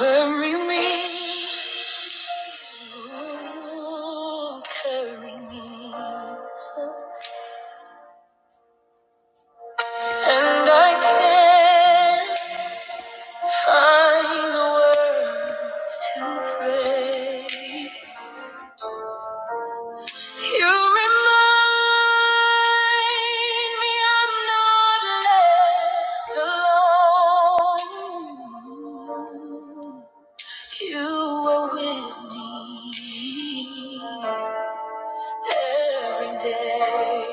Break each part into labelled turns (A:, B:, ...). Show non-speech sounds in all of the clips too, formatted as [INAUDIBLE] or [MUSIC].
A: Carry me, Ooh, carry me, Jesus. and I can't find the words to pray. You remind me I'm not left alone. You were with me every day.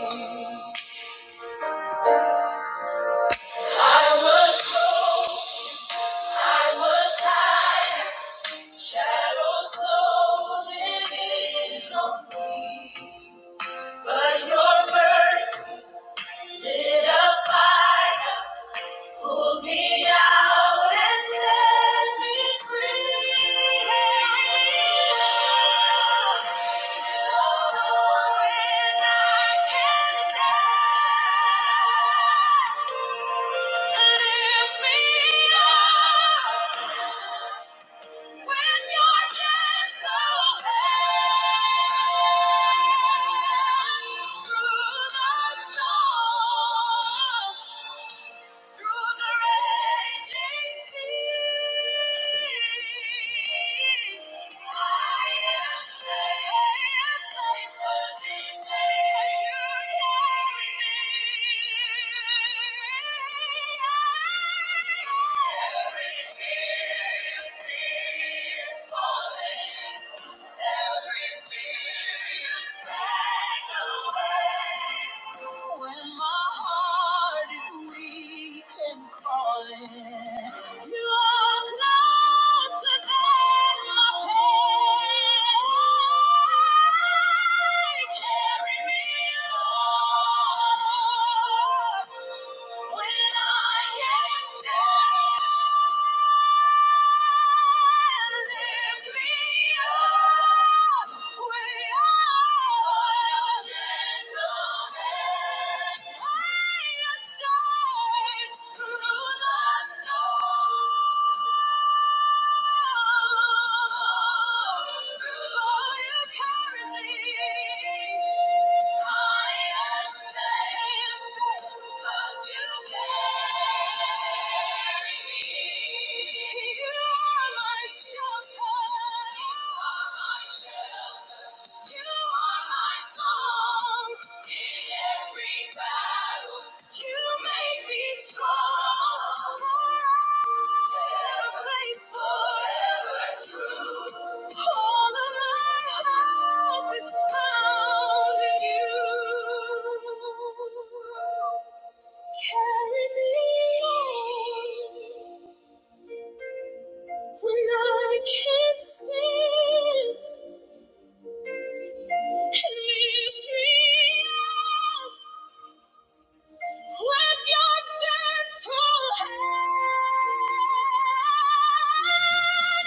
A: I was cold, I was tired, shadows closing in on me. But your mercy lit a fire. Pull me out and set me free. Oh, When I can't stand, lift me up with your gentle hand through the storm. Through the raging sea, I am safe. I am safe 'cause He saves. You carry me. Every tear you see is falling. Every fear when my heart is weak and calling, you are closer than my pain. Carry me, Lord, when I can't stand. Through the carousel. Strong.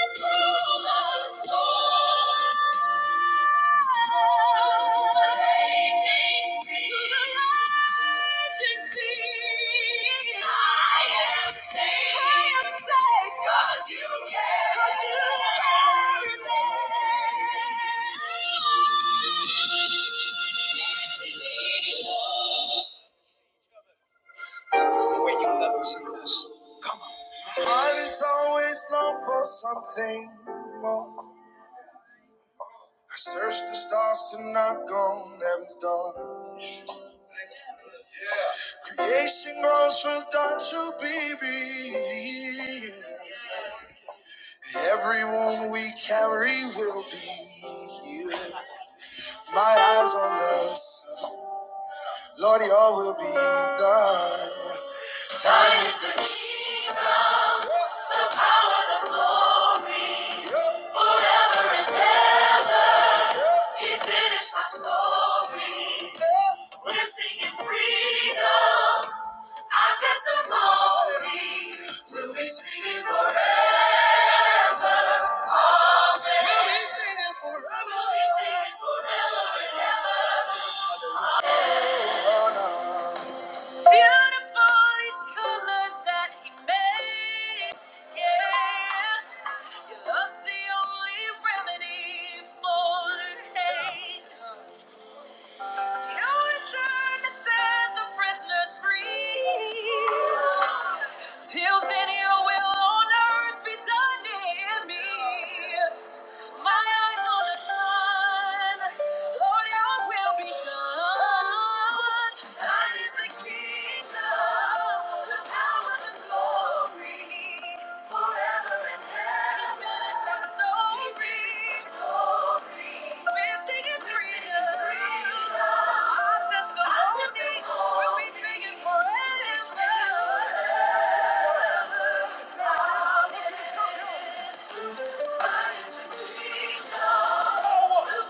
A: Gentle hand. Heart is always long for something more. I searched the stars to knock on heaven's door. Creation groans for God to be revealed. Every wound we carry will be healed. My eyes on this, Lord, your will be done. Thine is the kingdom. It is my story. We're singing freedom. Our testimony. We'll be singing forever. We'll be singing forever. Beautiful each color that he made. Yeah, your love's the only remedy for hate. You return to set the prisoners free. Till then, your will on earth be done in me. My eyes on the sun, Lord, Your will be done. Thine is the kingdom, the power, the glory, forever and ever. finish us so We're singing freedom. Our testimony will be singing forever. Into the trumpet.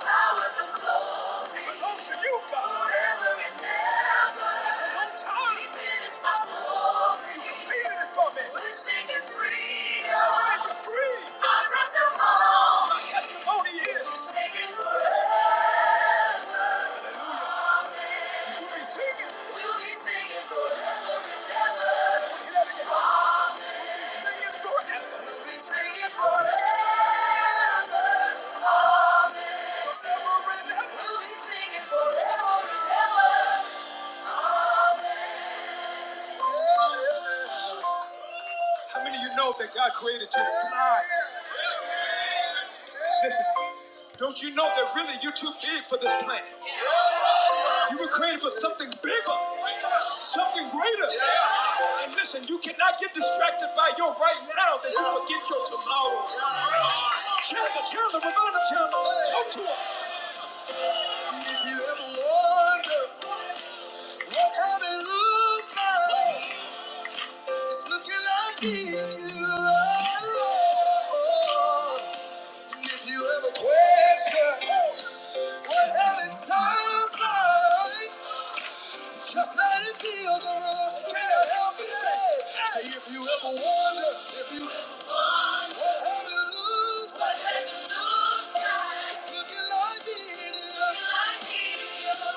A: belongs to you, God. Forever and ever. It's a one time. You finished my story. You completed it for me. We're singing freedom. So when you're free, our testimony. My testimony is. We're Singing forever. We'll be singing. We'll be Say that We'll be singing forever. We'll be singing forever. Forever and ever. We'll be singing forever. How many of you know that God created you to fly? Listen, don't you know that really you're too big for this planet? You were created for something bigger, something greater. Yeah. And listen, you cannot get distracted by your right now that you forget your tomorrow. Chandler, Chandler, Ramona Chandler, talk to him. If you ever wonder what heaven looks like, it's looking like me and you. If you ever question what heaven sounds like, Just let it feel the room. Can I help you say? Say if you ever wonder, if you ever what heaven looks like, heaven looks like. It's looking like it is, and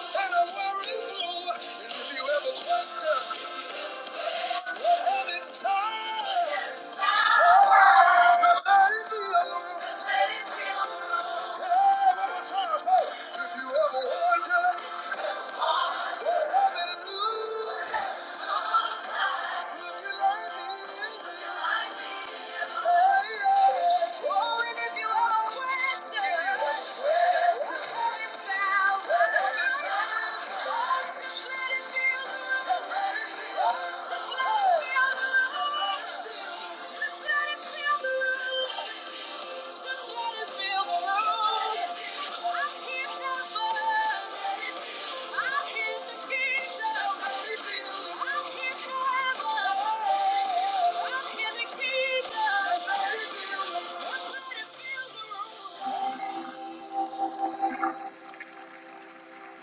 A: I'm worried blue. And if you ever question what heaven's time, just let it feel the room. Yeah, one more time, hey. If you ever wonder, heaven looks like. Oh, when you're inside, what heaven's like.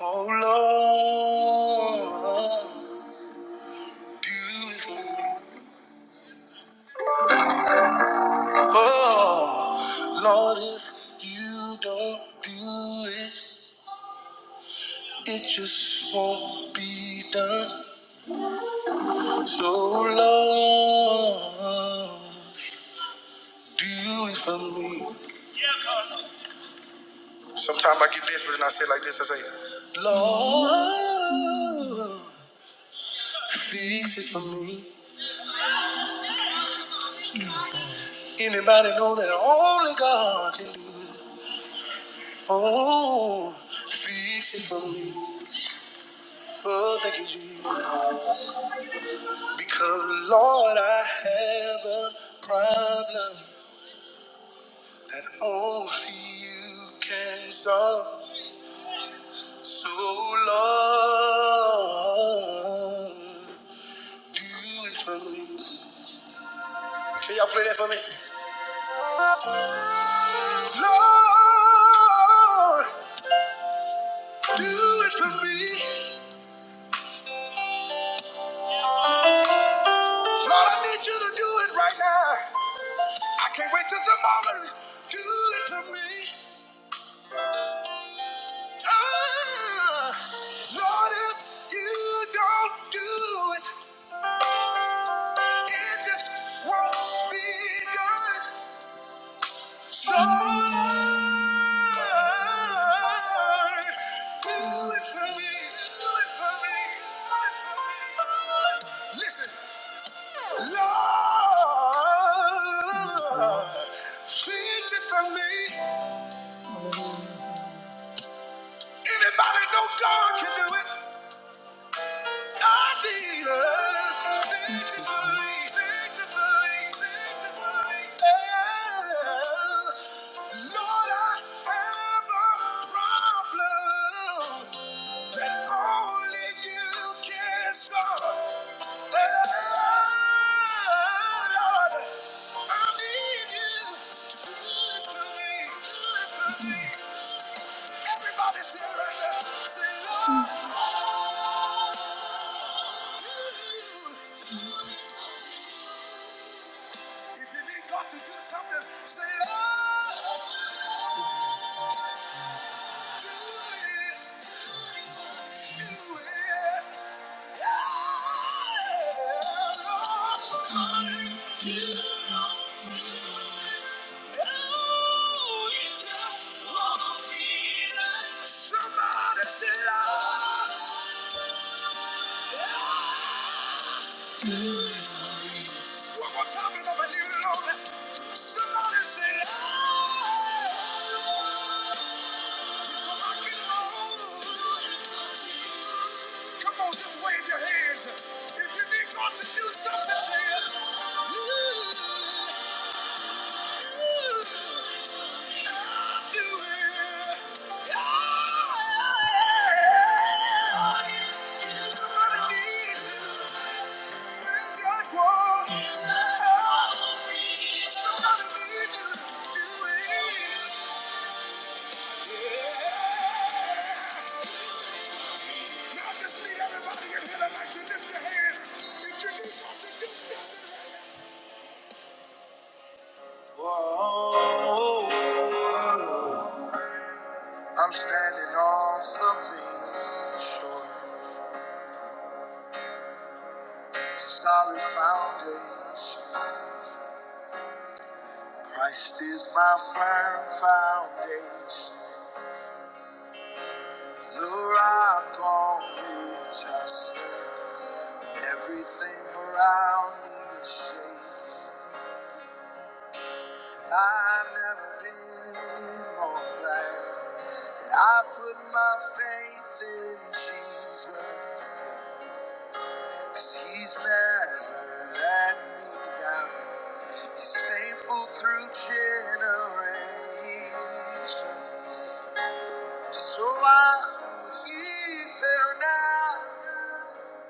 A: Oh Lord, do it for me. Oh, Lord, if you don't do it, it just won't be done. So, Lord, do it for me. Can I say it like this Lord, fix it for me. Anybody know that only God can do it? Oh, fix it for me. Oh, thank you, Jesus. Because, Lord, I have a problem. that only you can solve. So Lord, do it for me. Can y'all play that for me? Lord, do it for me. Lord, I need you to do it right now. I can't wait till tomorrow. Do it for me. Ah, Lord, if you don't do it, it just won't be done. Lord, I have a problem. that only you can solve. I need you to do it for me, do it for me. Everybody say it right Say, Lord, If you need God to do something, say, Lord, do it, do it. Somebody say, One more time and I'm gonna Somebody say, "Lord, Come on, just wave your hands. If you need God to do something, say it. I'll do it. Yeah. Somebody needs you. Where's your God? Somebody needs you to do it. Yeah. Now I just need everybody in here tonight to lift your hands. If you need God to do something right Whoa, I'm standing on something sure. Solid foundation, Christ, my firm foundation. The rock on which I stand. Everything around me is shaking. I've never been more glad. And I put my faith in Jesus, 'cause He's never let me down. He's faithful through generations. So why would he fail now?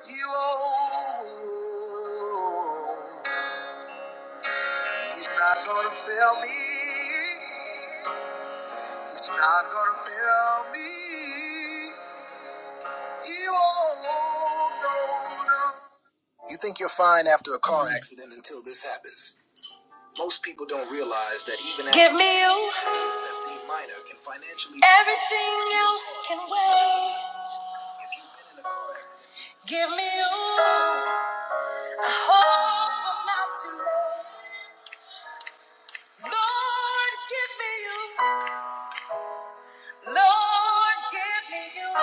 A: He won't. He's not gonna fail me. He's not gonna fail me. He won't. No, no. You think you're fine after a car accident until this happens. Most people don't realize that even Give me you. habits that seem minor can financially Everything else can wait. if you've been in a car accident. Give me you. I hope I'm not too late. Lord, give me you. Lord, give me you.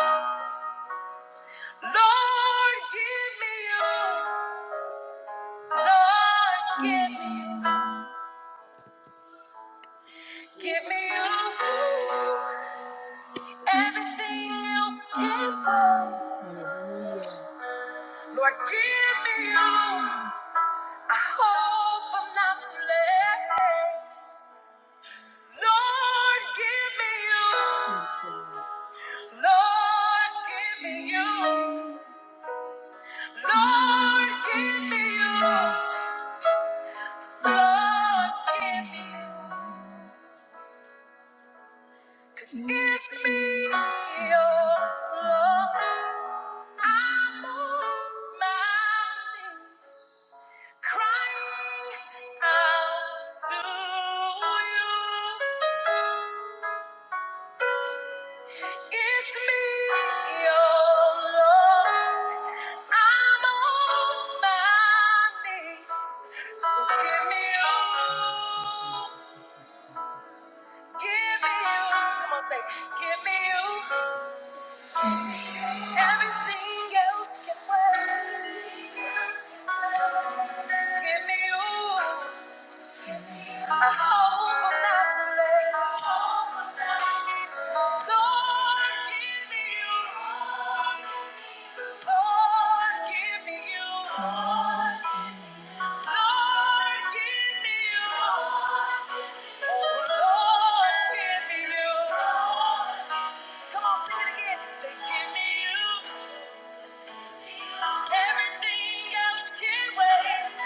A: Lord, give me you. Lord, give me you. Give me you. Everything else can wait. Lord, give me all. I hope I'm not too late. Lord, give me you. Lord, give me you. Lord, give me you. Lord, give me you. 'Cause it's me, your Lord. I'm on my knees, crying out to you. It's me, your Lord. I'm on my knees. So give me you. Give me you. Come on, say, give me you. Everything else can wait. Give me you. Lord, give me you. Lord, give me you. Lord, give me you. Oh, Lord, give me you. Come on, sing it again. Say, give me you. Everything else can wait.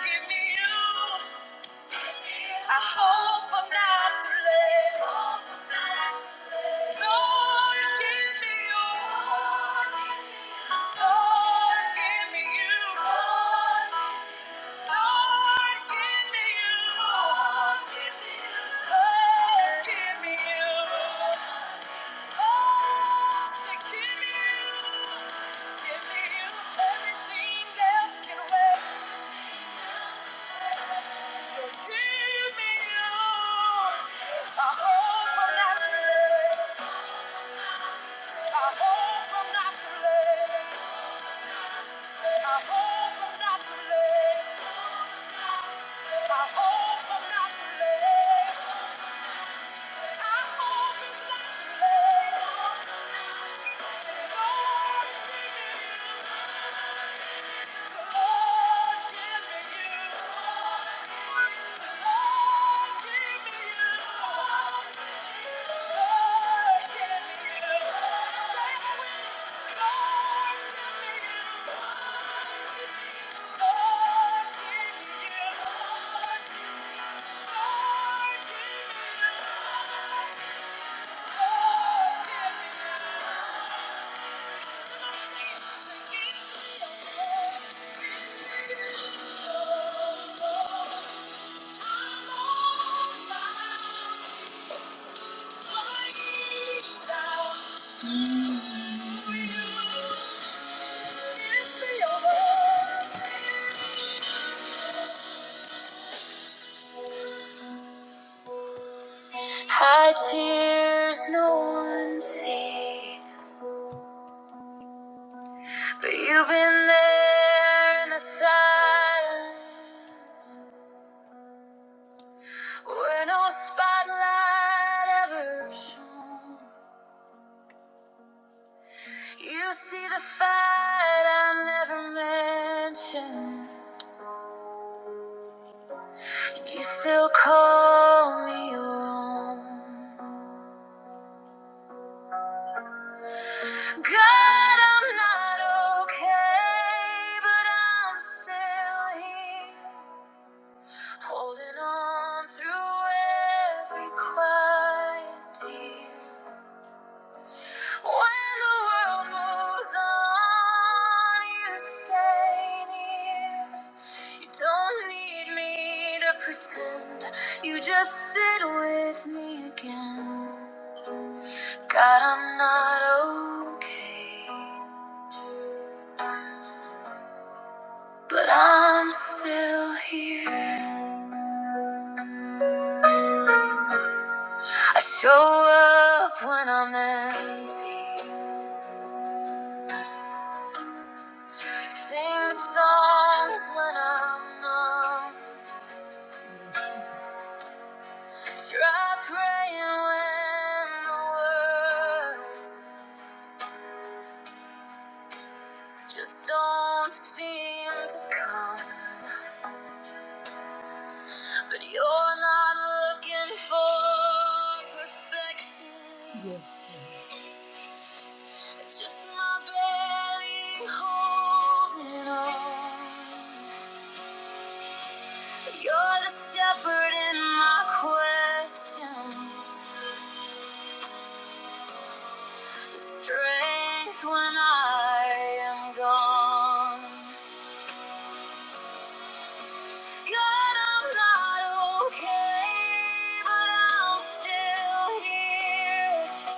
A: Give me you. I hope I'm not too late. Lord, give me you. Lord, give me you. Lord, give me you. Lord, give me you. Oh, say, give me you. Give me you. Everything else can wait. Thank you. Oh High tears no one sees, but you've been there in the silence where no spotlight ever shone. You see the fight I never mentioned. You still call me your own. God, I'm not okay, but I'm still here. Holding on through every quiet tear. When the world moves on, you stay near. You don't need me to pretend. You just sit with me again. God, I'm not okay, but I'm still here. I show up when I'm empty, sing songs when I'm numb, try praying when the words just don't seem to come. But you're not looking for perfection. Just my belly holding on. You're the shepherd in my questions, the strength when I am gone. God, I'm not okay, but I'm still here,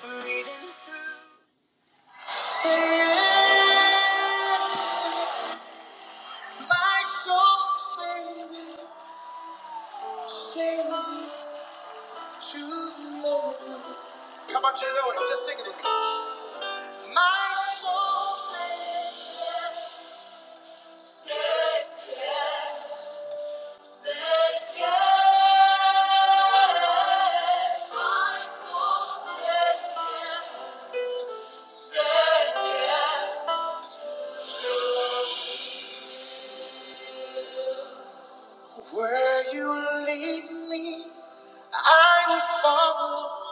A: breathing through. My soul sings, sings. Come on, Taylor, Lord, just sing it. with me. My soul says yes. My soul says yes. Says yes. Where you lead me, I will follow.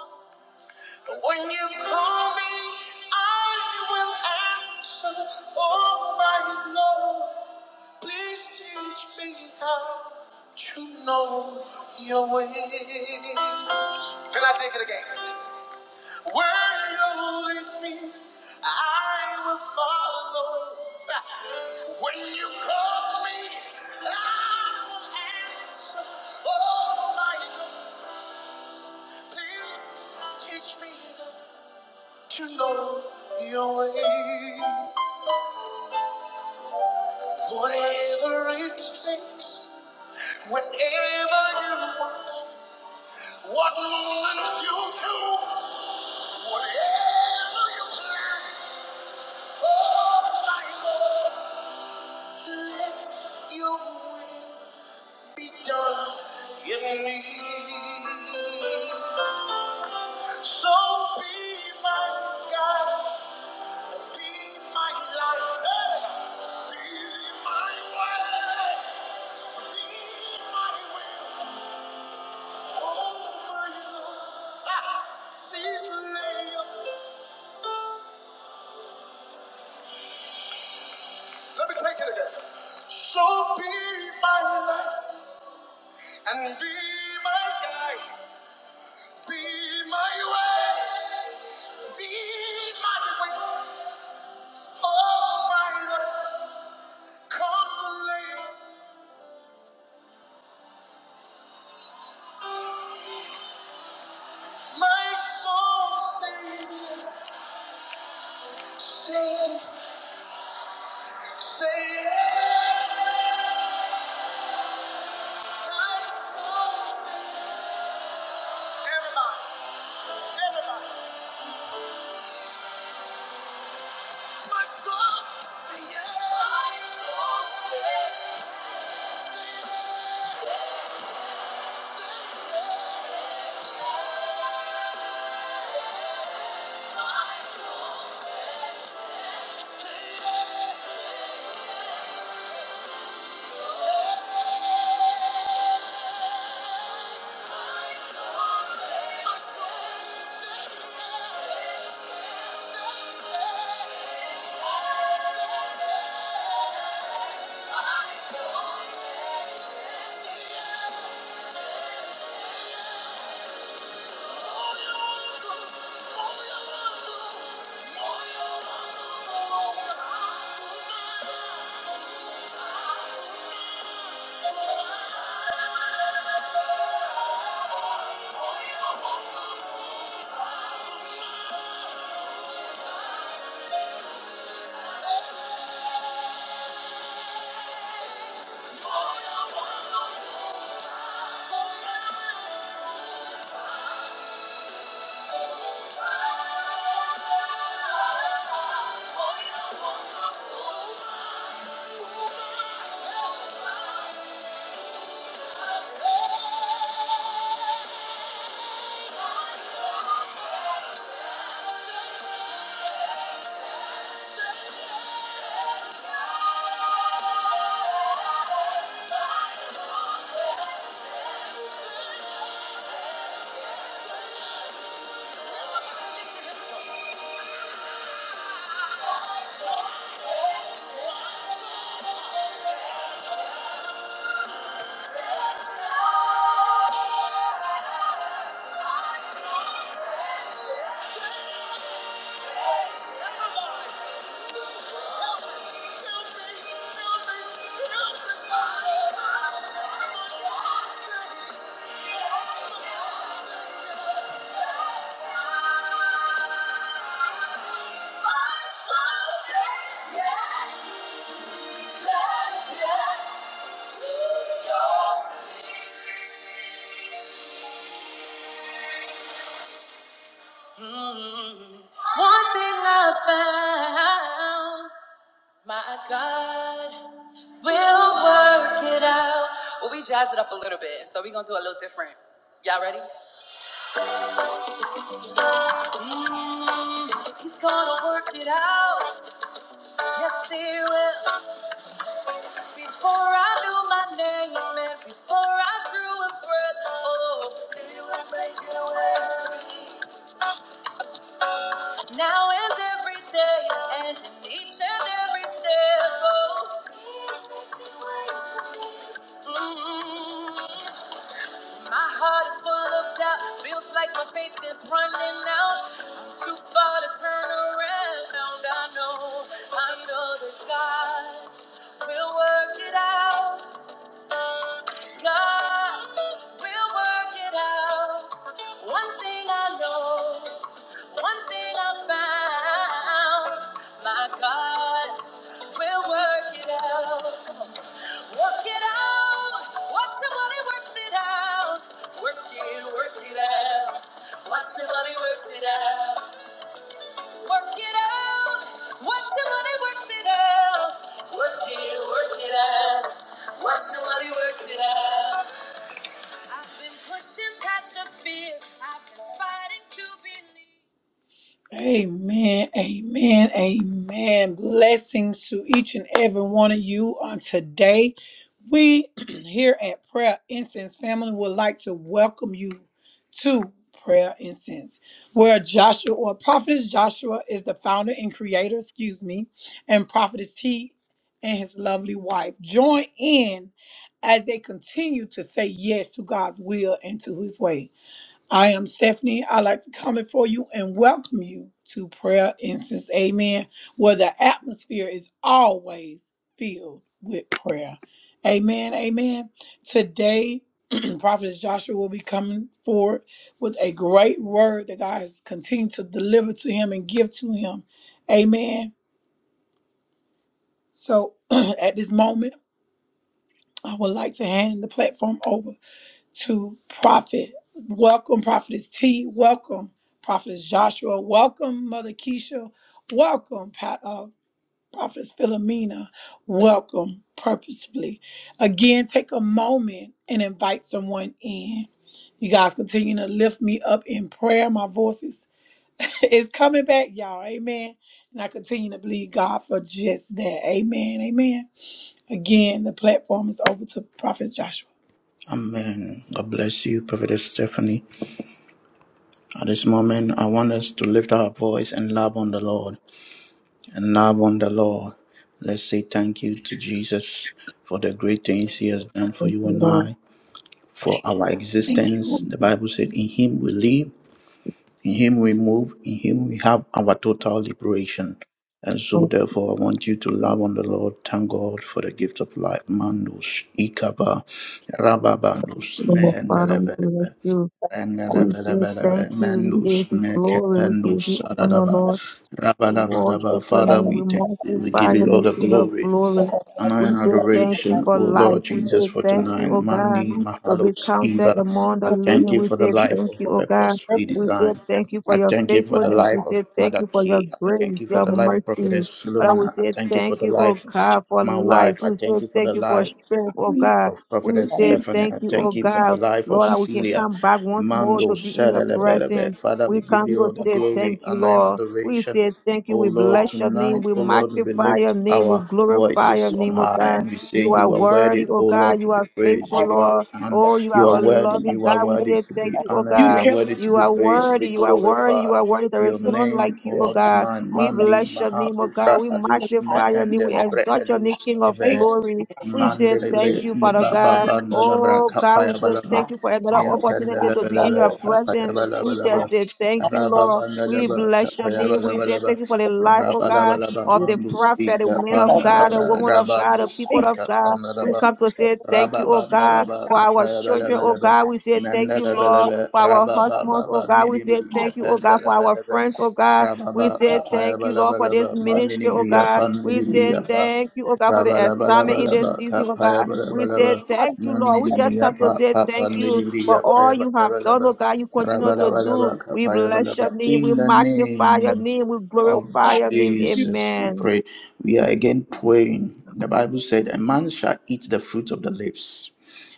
A: When you call me, I will answer. Oh, my Lord. Please teach me how to know your ways. Can I take it again? Where you're leading me, I will follow. When you call me, I will answer. Oh, my, please teach me to know your ways. Whatever it takes, whenever you want. What moment you choose, oh my Lord, let your will be done in me. So be my God, be my light, eh, be my way, be my will, oh my Lord. Lay up- Let me take it again. So be my light and be my guide, be my way. Be mighty way, oh mighty way, come and lay my soul sings, sings, sings. My soul sings. Everybody, everybody, my soul sings. My soul yearns for your love, for your love, for your love. Thank you. [LAUGHS] One thing I found. My God will work it out. Well, we jazzed it up a little bit, so we're gonna do a little different. Y'all ready? Mm, he's gonna work it out. Yes, he will. Before I knew my name and before I drew a breath, oh, now and every day and in each and every step, oh. mm. My heart is full of doubt, feels like my faith is running out. I'm too far to turn around. I know, I know that God will work it out. God will work it out. One thing I know, one thing I found, my God will work it out. Work it out. Watch your money works it out. Work it, work it out. Watch your money works it out. Work it out. Watch your money works it out. Work it, work it out. Watch your money works it out. I've been pushing past the fear. I've been fighting to believe. Amen, amen, amen. Blessings to each and every one of you on today. We [CLEARS THROAT] here at Prayer Incense Family would like to welcome you to Prayer Incense, where Joshua or Prophetess Joshua is the founder and creator, excuse me, and Prophetess T and his lovely wife. Join in as they continue to say yes to God's will and to his way. I am Stephanie. I'd like to come before you and welcome you to Prayer Instance, amen, where the atmosphere is always filled with prayer. Amen, amen. Today, [CLEARS THROAT] Prophet Joshua will be coming forward with a great word that God has continued to deliver to him and give to him. Amen. So [CLEARS THROAT] at this moment, I would like to hand the platform over to Prophet. Welcome, Prophetess T. Welcome, Prophetess Joshua. Welcome, Mother Keisha. Welcome, Pa- uh, Prophetess Philomena. Welcome, purposefully. Again, take a moment and invite someone in. You guys continue to lift me up in prayer. My voice is, [LAUGHS] is coming back, y'all. Amen. And I continue to believe God for just that. Amen. Amen. Again, the platform is over to Prophet Joshua.
B: Amen. God bless you, Prophetess Stephanie. At this moment, I want us to lift our voice and love on the Lord. And love on the Lord. Let's say thank you to Jesus for the great things he has done for you and
C: Lord,
B: I, for our
A: Thank you.
B: existence. The Bible said, In him we live, in him we move, in him we have our total liberation. And so,
C: Lord,
B: therefore, I want you to love on the Lord. Thank God for the gift of life. Mandus, Ikaba, Rababanus,
C: Lord, Father, we
B: Mehendeleve.
C: bless you. We say thank you. We give
B: Mandus,
C: you glory. We give
B: Mekependus,
C: you honor,
B: Sadadaba,
C: Lord. We worship
B: Rabadabadaba.
C: your
B: Father,
C: name.
D: Thank
B: we
C: We
B: thank you. We
C: magnify
B: give
C: your
B: you all
C: name,
B: the
C: King of
B: glory,
C: glory.
B: honor,
C: We
B: and
C: say thank you
B: adoration,
C: for
B: O
C: life.
B: Lord
C: We say
B: Jesus, for
C: thank you,
B: tonight.
C: oh God,
B: Mandi,
C: to be
B: Mahalos,
C: counted
B: Eva.
C: among the
B: I
A: Lord, we
B: thank
C: living.
B: you
C: We
B: for the
C: say
A: thank
B: life
A: you
C: thank
B: of
C: you,
A: for
C: oh God.
B: purposefully
A: purpose
C: We say
B: design.
C: thank you for
B: I
C: your
B: thank you for
A: to
B: the
C: faithfulness. We
B: life of
C: say thank
B: Mother
C: you for your
B: K. I
A: and
B: thank you
C: grace,
B: for
C: your
B: the
A: people.
B: life of
C: mercy.
B: Prophetess
C: Father, we
B: Philomena. I
C: say
B: thank you for
C: thank
B: the
C: you, oh
B: life
C: God,
B: of
C: for
B: my
C: life.
B: wife. I
C: We say
B: thank you for
C: thank
B: the
C: you
A: Hallelujah.
C: for
B: life
C: strength, oh
A: Hallelujah.
C: God.
B: of
C: We
A: We
B: Prophetess
A: thank
C: say
B: Stephanie.
C: thank
B: I
C: you, oh
B: thank you for
A: you for
B: the
C: God,
B: life
A: you,
B: of
C: Lord,
A: my
C: that we can
B: Celia.
C: come back once more
B: Mando
C: to be in your
B: Sadelebelebe.
C: presence.
B: Father,
C: We
B: we give
C: come
B: you
C: to
B: all the
A: Lord.
C: say
B: glory,
C: thank you,
B: honor, and
C: Lord. We
B: adoration.
C: say thank you.
B: Oh
C: We
B: Lord,
C: bless your name.
B: tonight,
C: We
B: oh Lord, we
C: magnify your
B: lift
C: name. We
B: our
C: glorify your
B: voices on
C: name, oh
B: high
C: God.
B: and we say,
C: You are
B: You are
C: worthy,
B: worthy,
C: oh
B: oh Lord,
C: God.
B: to
C: You
B: be
C: are
B: praised.
C: faithful,
B: You are
C: Lord.
B: and
C: Oh, you
B: you
C: are
B: are
C: a
B: worthy,
C: loving
B: you are
C: God. We
A: Oh,
B: worthy
C: say
B: to
C: thank
B: be
C: you, oh
B: honored,
A: You
B: you are
C: God.
A: kept us
B: worthy to
C: You
B: be
C: are
B: praised, be
C: worthy, you are worthy, you
B: glorified.
C: are worthy. There
B: Your
C: is
A: from
C: none like
B: name, oh
C: you, oh
B: Lord,
C: God.
B: tonight,
C: We
B: Mandi
C: bless your
B: Maha
C: name, oh God.
B: Ufra
C: We
B: Alus Me
C: magnify your name.
B: Ende
C: We
B: Lebre
C: exalt your name, King of
A: making
B: Alus
C: glory. We say
B: Mandelebre
C: thank you,
B: i
C: Father
B: baba
C: God.
B: banda labra
C: Oh God, we
B: kapaya
C: say
B: balaba
C: thank you for another
B: niya
C: opportunity
B: pendele
C: to be in
B: belebe
C: your
B: kapaya
C: presence.
B: balaba
C: We
B: laba
C: just say thank you,
B: raba
C: Lord.
B: banda
C: We
B: laba
C: bless your
B: kapaya
C: name. We
B: balaba
C: say
B: laba
C: thank you for the life, oh
B: raba laba
C: God,
B: laba
C: of the
B: mandus
A: Lord.
C: prophet, the
B: ika
C: man
A: I
C: of
B: panda
C: God, the
B: labra
C: woman of God, the
B: rabandus
C: people
A: thank
C: of
B: ika
C: God.
B: panda
A: you,
C: We
B: laba
A: Jesus.
C: come to say thank
B: raba
C: you, oh
B: banda
C: God,
B: laba
C: for our
B: kapaya
C: children,
B: balaba
C: oh
B: laba
C: God. We say thank you,
B: mandele
C: Lord,
B: belebe
C: for our
B: raba baba
C: husbands, oh
B: bandi
C: God. We say
B: bili
A: You
C: thank you, oh God,
B: pendele
C: for our
B: belebe
C: friends, oh God. We
B: Rababa
C: say
B: kapaya
C: thank you, Lord, for this
B: balabalaba
C: ministry,
B: mandini
C: oh
B: biya
C: God. We
B: pandini
C: say
B: biya pa
C: thank you, oh God, for the assignment
A: knew
C: in this
B: Rabalabalabalaba
C: season, oh
B: kapaya
C: God. We say
B: balabalaba
A: how to
C: thank you, Lord. We
B: mandini
C: just
B: biya
C: come to
B: pa
C: say
B: pa
C: thank you
B: pandini
C: for
B: biya
C: all
B: paya
C: you have done, oh
B: balabalaba
C: God. You continue to do.
B: Rabalabalaba
C: We
B: kapaya
C: bless your
B: balaba
C: name. We
B: In the
C: magnify your
B: name
C: name. We
A: go,
B: of
C: glorify
A: God.
C: your name.
A: You-
B: Jesus we
C: Amen.
B: pray. We are again praying. The Bible said a man shall eat the fruit of the lips.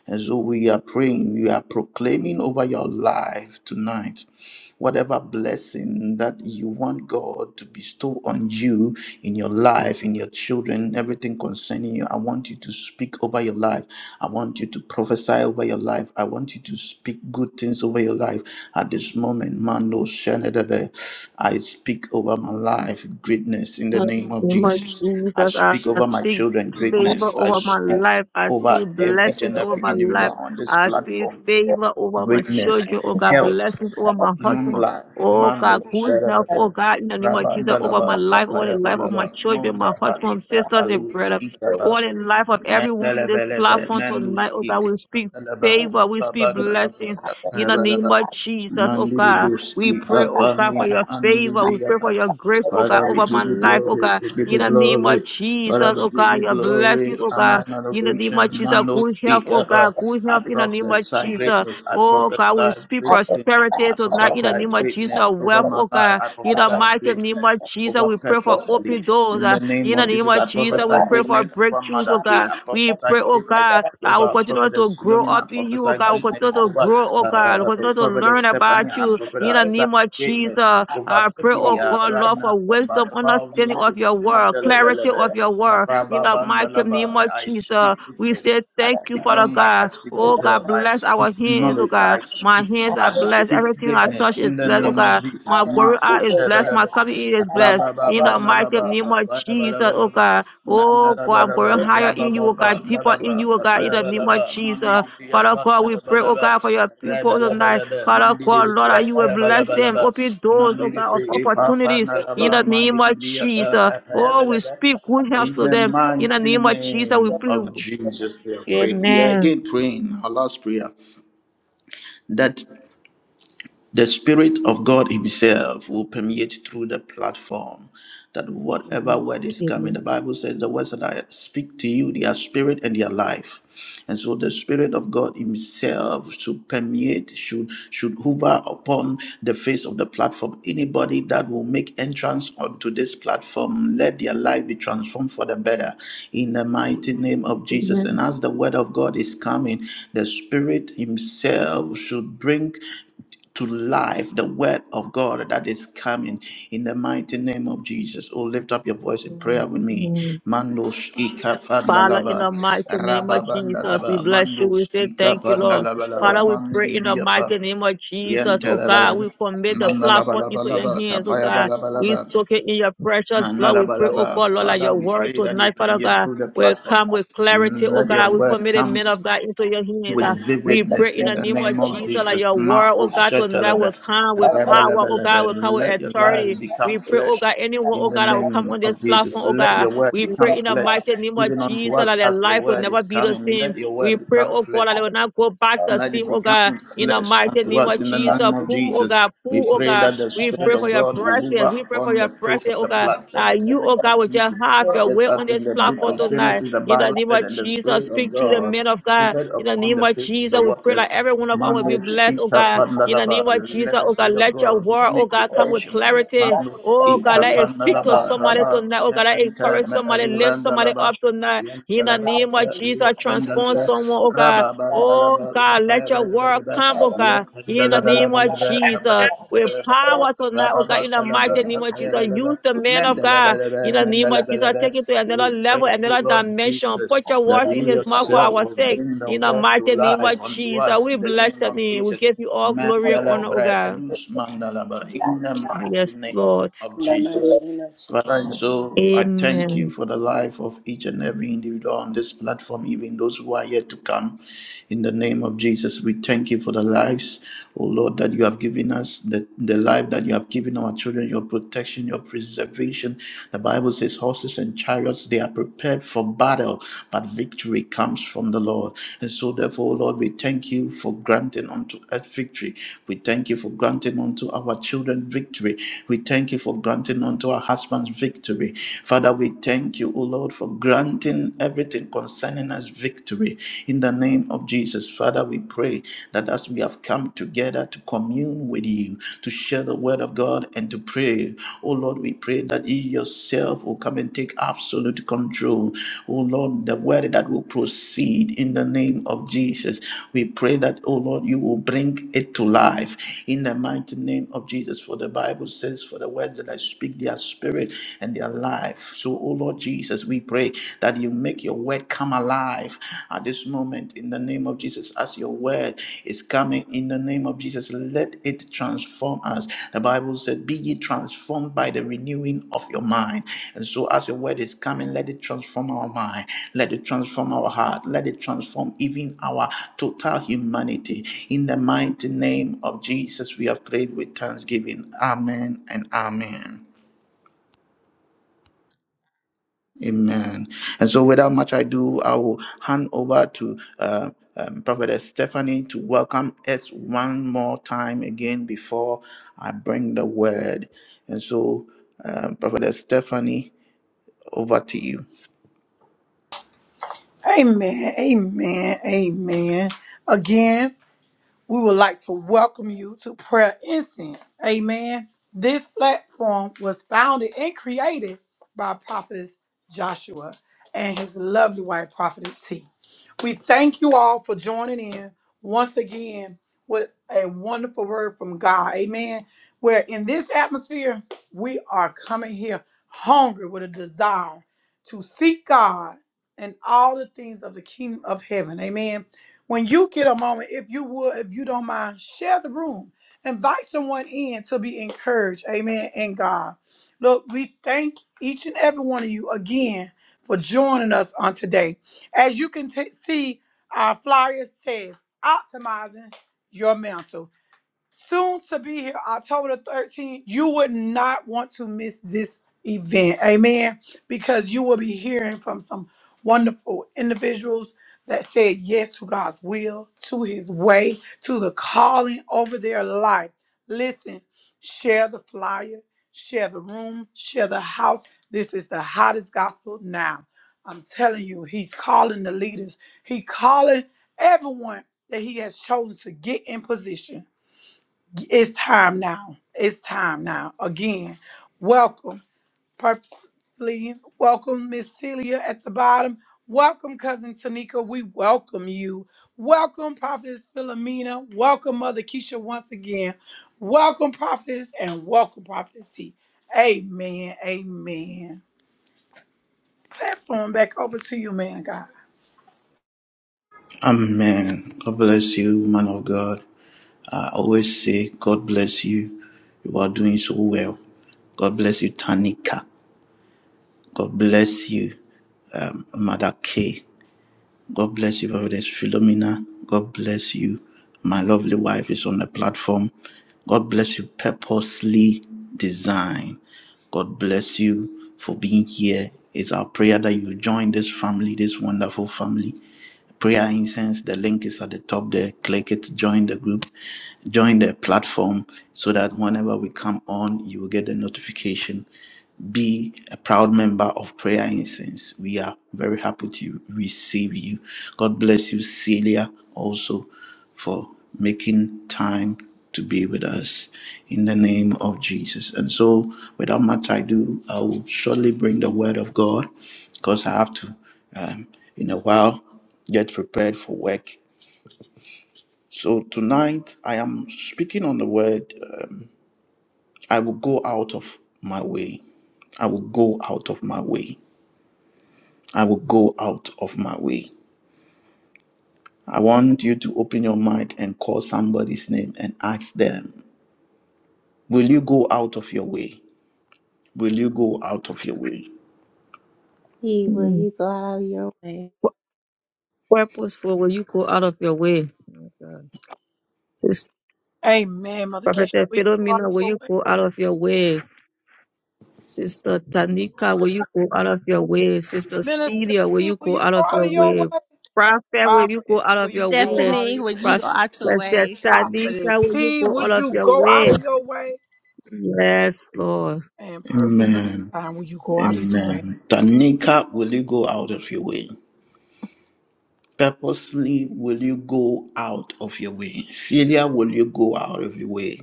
B: And so we are praying, we are proclaiming over your life tonight whatever blessing that you want God to bestow on you in your life, in your children, everything concerning you. I want you to speak over your life. I want you to prophesy over your life. I want you to speak good things over your life at this moment. Mano, no I speak over my life greatness in
C: In
B: the
C: the
B: name of
C: name of
B: Jesus. I
C: Jesus, I
B: speak over my
C: speak
B: children
C: favor
B: greatness. I
C: over my
B: speak
C: life. I
B: over
C: speak
B: every- each
C: blessings
B: and
C: over
B: every
C: my life.
B: individual on this
C: I speak
B: platform
C: favor over my
B: greatness,
C: children. Oh God,
B: health
C: blessings over my
B: long
C: husband.
B: life,
C: Oh
B: Mando
C: God, good health. Oh
B: Sarada,
C: God, in the name of Jesus, over my
B: Rabandalaba,
C: life, over the life of my
B: Kapayabalaba,
C: children, my
B: Monda
C: husband,
B: Alita
C: sisters, and
B: Alus
C: brother,
B: Ikaba,
C: over the life of everyone on this
B: Mandalabele,
C: platform tonight.
B: Mandus
C: Oh God, we speak
B: Ikaba,
C: favor. We speak blessings
B: Babandalaba,
C: in the name
B: Kayabalaba,
D: you.
C: of Jesus. Oh God.
B: Mandiribius
C: We
D: Thank
C: pray, oh
B: Ikapa,
C: God, for
B: Nima
C: your favor. We pray for
B: Andribriapa.
C: your grace, oh God,
B: Father, we
C: over my
B: give you
C: life, oh
B: glory,
C: God.
B: we give
C: In
B: you
C: the name of
B: glory. Father,
C: Jesus,
B: we
C: oh
B: give
C: God,
B: you
C: your blessings,
B: glory,
C: oh
B: honor,
C: God.
B: and
C: In the name
B: adoration.
C: of Jesus,
B: Mando
C: good health, oh
B: Ikaba,
C: God, good
B: I
C: health in the name of
B: prophesy
C: Jesus.
B: greatness, I
C: Oh God, we
B: prophesy
C: speak
B: great things.
C: prosperity
B: I
C: tonight in the
B: prophesy
C: name of Jesus,
B: greatness over
C: wealth,
B: my
C: oh
B: life.
C: God.
B: I
C: In the
B: prophesy
C: mighty name
B: greatness
C: of Jesus,
B: over
C: we pray for
B: purposefully.
C: open doors.
B: In
C: uh,
B: the name
C: In the
B: of
C: name
B: Jesus,
C: of
B: I
C: Jesus, we
B: prophesy
C: pray for
B: greatness over
C: breakthroughs, oh
B: Mother K.
C: God.
B: I
C: We pray,
B: prophesy
C: oh
B: greatness
C: God, that we
B: over
C: continue to
B: Prophetess
C: grow
B: Philomena.
C: up
B: I
C: in you, oh
B: prophesy
C: God. We continue
B: greatness
C: to
B: over
C: grow,
B: uh,
C: oh God. We
B: uh, uh,
C: continue to
B: Prophetess
C: learn
B: Stephanie.
C: about you.
B: I
C: In the
B: prophesy
C: name of Jesus,
B: greatness over
C: I pray, oh
B: Syria
C: God,
B: right
C: Lord,
B: now
C: for
B: by
C: wisdom,
B: the power of the
C: understanding
B: Holy
C: of
B: Ghost.
C: your word, clarity of
B: Mandelebelebe.
C: your word. In the mighty name
B: Yarababandalaba.
C: of
B: I
C: Jesus,
B: speak
C: we
B: greatness.
C: say
B: I
C: thank you,
B: speak
C: Father
B: long life. I
C: God.
B: speak good
C: Oh God,
B: health. I
C: bless
B: speak
C: our hands, oh
B: knowledge. I
C: God. My
B: speak.
C: hands are
B: I
C: blessed.
B: speak
C: Everything I
B: greatness
C: touch is
B: in the
C: blessed, oh
B: name of
C: God.
B: Jesus.
C: My going
B: Marco
C: out is blessed. My
B: Shadalaba,
C: coming in is blessed. In
B: Rabababa,
C: the mighty
B: Nalaba,
C: name of Jesus, oh
B: Payabalaba,
C: God. Oh God, I'm going
D: you.
B: Nandarabalaba,
C: higher in you, oh God,
B: Rabababa,
C: deeper in
B: Nalaba,
C: you, oh God. In the name of
B: Payabalaba,
C: Jesus,
B: Mandibria,
C: Father God, we pray, oh
B: Panarabalaba,
C: God, for your people tonight.
B: Rabalabalaba,
C: Father God, Lord,
B: Mandibria,
C: that you will bless them.
B: Payabalabalaba,
C: Open doors, oh God, of
B: Mandibria,
C: opportunities in
D: Thank
B: Papanaraba,
C: the name of
B: Mandibria,
C: Jesus. Oh, we
B: Payabalaba.
C: speak good health
B: In
C: to
B: the
C: them.
B: mighty
C: In the name of Jesus, we
B: name
C: pray.
B: of Jesus, we are praying. We are
C: Amen.
B: again praying our last prayer that the Spirit of God Himself will permeate through the platform that whatever word is coming,
C: Amen.
B: the Bible says the words that I speak to you, they are spirit and they are life. And so the Spirit of God Himself should permeate, should should hover upon the face of the platform. Anybody that will make entrance onto this platform, let their life be transformed for the better. In the mighty name of Jesus.
C: Amen.
B: And as the word of God is coming, the Spirit Himself should bring to life the word of God that is coming in the mighty name of Jesus. Oh, lift up your voice in prayer with me.
C: Amen.
B: Mandos
C: Father, in
B: ikapandalaba,
C: the mighty name of Jesus, we
B: rababandalaba,
C: bless you. We
B: mandos
C: say thank you, Lord.
B: ikapandalaba, laba,
C: Father, we pray in the
B: mandidibriyapa,
C: mighty name of Jesus, oh God,
B: yentelabalaba,
C: we commit the platform into your
B: mandalabalabalaba,
C: hands, oh God. We
B: kapayabalabalaba,
C: soak it in your precious blood. We pray, oh God,
B: mandalabalaba.
C: Lord, that
B: Father,
C: your
B: we
C: word
B: pray that you
C: tonight, Father
B: permeate
C: God,
B: through the
C: will
B: platform.
C: come with clarity, oh
B: Let your
C: God. We
B: word
C: commit the
B: come
C: men of God into your hands. ah.
B: with
C: we pray
B: vividness
C: in
B: in
C: the
B: the
C: name of
B: name of
C: Jesus that
B: Jesus.
C: your word,
B: Marco
C: oh God, tonight will
B: Shetelebe,
C: come with power, oh God,
B: Rebelebelebe.
C: will come with
B: Let your life
C: authority.
B: become
C: We pray, oh
B: flesh
C: God, anyone,
B: in
C: oh
B: the
C: God, that will come
B: name
C: on this
B: of
C: platform,
B: Jesus.
C: oh
B: Let
C: God.
B: your word
C: We
B: become
C: pray in the
B: flesh,
C: mighty name of
B: even
C: Jesus
B: unto us
C: that their
B: as your
C: life will
B: word
C: never
B: is
C: be the
B: coming.
C: same.
B: Let your
C: We
B: word
C: pray,
B: become
C: oh
B: flesh.
C: God, that they will not go back the
B: Let
C: same,
B: it
C: oh God.
B: become
C: In the
B: flesh
C: mighty
B: unto
C: name
B: us
C: of
B: in the
C: Jesus,
B: name of
C: pull, oh
B: Jesus.
C: God,
B: We
C: pull, oh
B: pray
C: God.
B: that the
C: We
B: Spirit
C: pray for
B: of
C: your
B: God will
C: presence.
B: hover
C: We pray
B: upon
C: for your
B: the face
C: presence,
B: of
C: oh
B: the
C: God. That
B: platform in the
C: you,
B: name
C: oh
B: of
C: God, will just
B: Jesus.
C: have your
B: Just
C: way on
B: as in
C: this
B: the book
C: platform
B: of
C: tonight.
B: Genesis, the
C: In the
B: Bible
C: name
B: said,
C: of
B: and the
C: Jesus,
B: Spirit of
C: speak to the
B: God
C: men of God.
B: hovered
C: In the
B: upon
C: name
B: the
C: of
B: face of
C: Jesus,
B: the
C: we pray that
B: waters.
C: every one of us will be
B: Mando
C: blessed, oh
B: Ika
C: God. In the
B: Pandalaba.
C: name of
B: Let
C: Jesus,
B: the
C: oh God,
B: Spirit of
C: let your
B: God
C: word, oh
B: make
C: God, come with
B: reparation.
C: clarity.
B: Mando
C: Oh God,
B: Ika
C: let it speak to
B: Pandalaba.
C: somebody
B: Rabba
C: tonight. Oh
B: Me
C: God, let it
B: Ente
C: encourage
B: Me
C: somebody, lift somebody up
B: Elurandalaba.
C: tonight.
B: We pray, O
C: In the name of Jesus, transform someone, oh God. Oh God, let your word come, oh God. In the name of Jesus, with
D: you.
C: power tonight, oh God, in the
D: In the
C: mighty name of
D: mighty
C: Jesus, use the man of God. In the name of Jesus, take it to another level, another
B: Lord
C: dimension.
B: Jesus,
C: Put your
B: that
C: words in
B: you
C: his mouth for
B: yourself
C: our
B: will
C: sake.
B: bring the
C: In the
B: word to
C: mighty name of
B: life unto
C: Jesus,
B: us
C: we
B: in the
C: bless
B: name
C: your
B: of
C: name. We
B: Jesus.
C: give you all glory and
B: Mandala
C: honor, oh
B: Bre
C: God.
B: Elus Mandalaba in the mighty
C: Yes,
B: name
C: Lord.
B: of
D: name
B: Jesus.
D: of
B: Father, and
D: Jesus.
B: so I thank
C: Amen.
B: you for the life of each and every individual on this platform, even those who are yet to come. In the name of Jesus, we thank you for the lives, oh Lord, that you have given us, the, the life that you have given our children, your protection, your preservation. The Bible says horses and chariots, they are prepared for battle, but victory comes from the Lord. And so therefore, Lord, we thank you for granting unto us victory. We thank you for granting unto our children victory. We thank you for granting unto our our husband's victory. Father, we thank you, O Lord, for granting everything concerning us victory. In the name of Jesus, Father, we pray that as we have come together to commune with you, to share the word of God, and to pray, O Lord, we pray that you yourself will come and take absolute control. O Lord, the word that will proceed in the name of Jesus. We pray that, O Lord, you will bring it to life in the mighty name of Jesus. For the Bible says, For the words that I speak, their spirit and their life. So, oh Lord Jesus, we pray that you make your word come alive at this moment in the name of Jesus. As your word is coming in the name of Jesus, let it transform us. The Bible said, Be ye transformed by the renewing of your mind. And so, as your word is coming, let it transform our mind, let it transform our heart, let it transform even our total humanity. In the mighty name of Jesus, we have prayed with thanksgiving. Amen and amen. Amen. And so, without much ado, I will hand over to uh, um, Prophet Stephanie to welcome us one more time again before I bring the word. And so, uh, Prophet Stephanie, over to you.
A: Amen. Amen. Amen. Again. we would like to welcome you to Prayer Incense. Amen. This platform was founded and created by Prophetess Joshua and his lovely wife, Prophetess T. We thank you all for joining in once again with a wonderful word from God. Amen. Where in this atmosphere, we are coming here hungry with a desire to seek God and all the things of the kingdom of heaven. Amen when you get a moment, if you would, if you don't mind, share the room. Invite someone in to be encouraged. Amen. And God. Look, we thank each and every one of you again for joining us on today. As you can t- see, our flyer says optimizing your mental soon to be here, October the 13th. You would not want to miss this event. Amen. Because you will be hearing from some wonderful individuals that said yes to God's will, to his way, to the calling over their life. Listen, share the flyer, share the room, share the house. This is the hottest gospel now. I'm telling you, he's calling the leaders. He calling everyone that he has chosen to get in position. It's time now. It's time now. Again, welcome, purposely welcome, Miss Celia at the bottom. Welcome, cousin Tanika. We welcome you. Welcome, Prophetess Philomena. Welcome, Mother Keisha, once again. Welcome, Prophetess, and welcome, Prophetess T. Amen. Amen. Platform back over to you, man, of God.
B: Amen. God bless you, man of God. I always say, God bless you. You are doing so well. God bless you, Tanika. God bless you, um, Mother K. God bless you, Prophetess Philomena. God bless you. My lovely wife is on the platform. God bless you, purposely design. God bless you for being here. It's our prayer that you join this family, this wonderful family. Prayer incense, the link is at the top there. Click it, join the group, join the platform so that whenever we come on, you will get the notification be a proud member of Prayer Incense. We are very happy to receive you. God bless you, Celia, also for making time to be with us in the name of Jesus. And so, without much ado, I will shortly bring the word of God because I have to, um, in a while, get prepared for work. So, tonight I am speaking on the word, um, I will go out of my way. I will go out of my way. I will go out of my way. I want you to open your mic and call somebody's name and ask them, Will you go out of your way? Will you go out of your way?
D: He will
C: Mm.
D: you go out of your way.
C: Pu- Purposeful, will you go out of your way? My God. Sister
A: Amen, Mother
C: Prophet
A: Keisha. Will you go out
C: Philomena,
A: of
C: will
A: your
C: you
A: way?
C: go out of your way? Sister Tanika, will you go out of your way? Sister
A: Minister
C: Celia, will
A: T,
C: you
A: will
C: go
A: you
C: out
A: go
C: of
A: out of
C: your
A: your way?
C: way? Prophet, will you go
A: Prophet,
C: out
A: will
C: of your
A: you go
C: way?
A: out of
E: Stephanie,
A: your
E: would you
A: way?
E: go
C: Prophet
E: out your way?
A: Prophetess
C: Tanika, will you
A: T,
C: go out
A: would
C: of
A: you
C: your
A: go out of
C: way?
A: your way
C: Yes, Lord.
A: and purpose the
B: Amen.
A: time? Will you go out of your way?
B: Amen. Tanika, will you go out of your way? Purposely, will you go out of your way? Celia, will you go out of your way?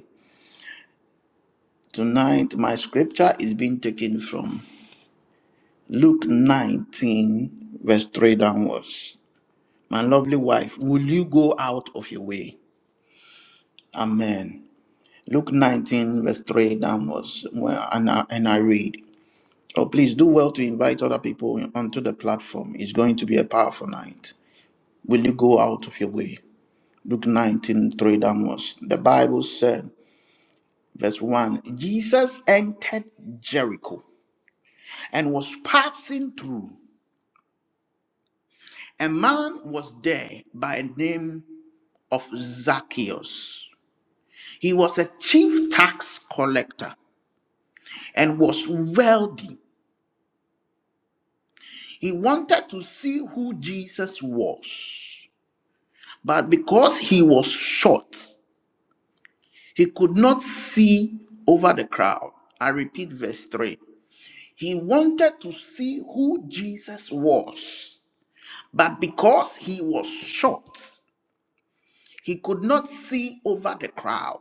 B: Tonight, my scripture is being taken from Luke 19, verse 3 downwards. My lovely wife, will you go out of your way? Amen. Luke 19, verse 3 downwards, well, and I, and I read, Oh, please do well to invite other people onto the platform. It's going to be a powerful night. Will you go out of your way? Luke 19 3 downwards. The Bible said, verse 1 Jesus entered Jericho and was passing through. A man was there by the name of Zacchaeus. He was a chief tax collector and was wealthy He wanted to see who Jesus was, but because he was short, he could not see over the crowd. I repeat verse 3. He wanted to see who Jesus was, but because he was short, he could not see over the crowd.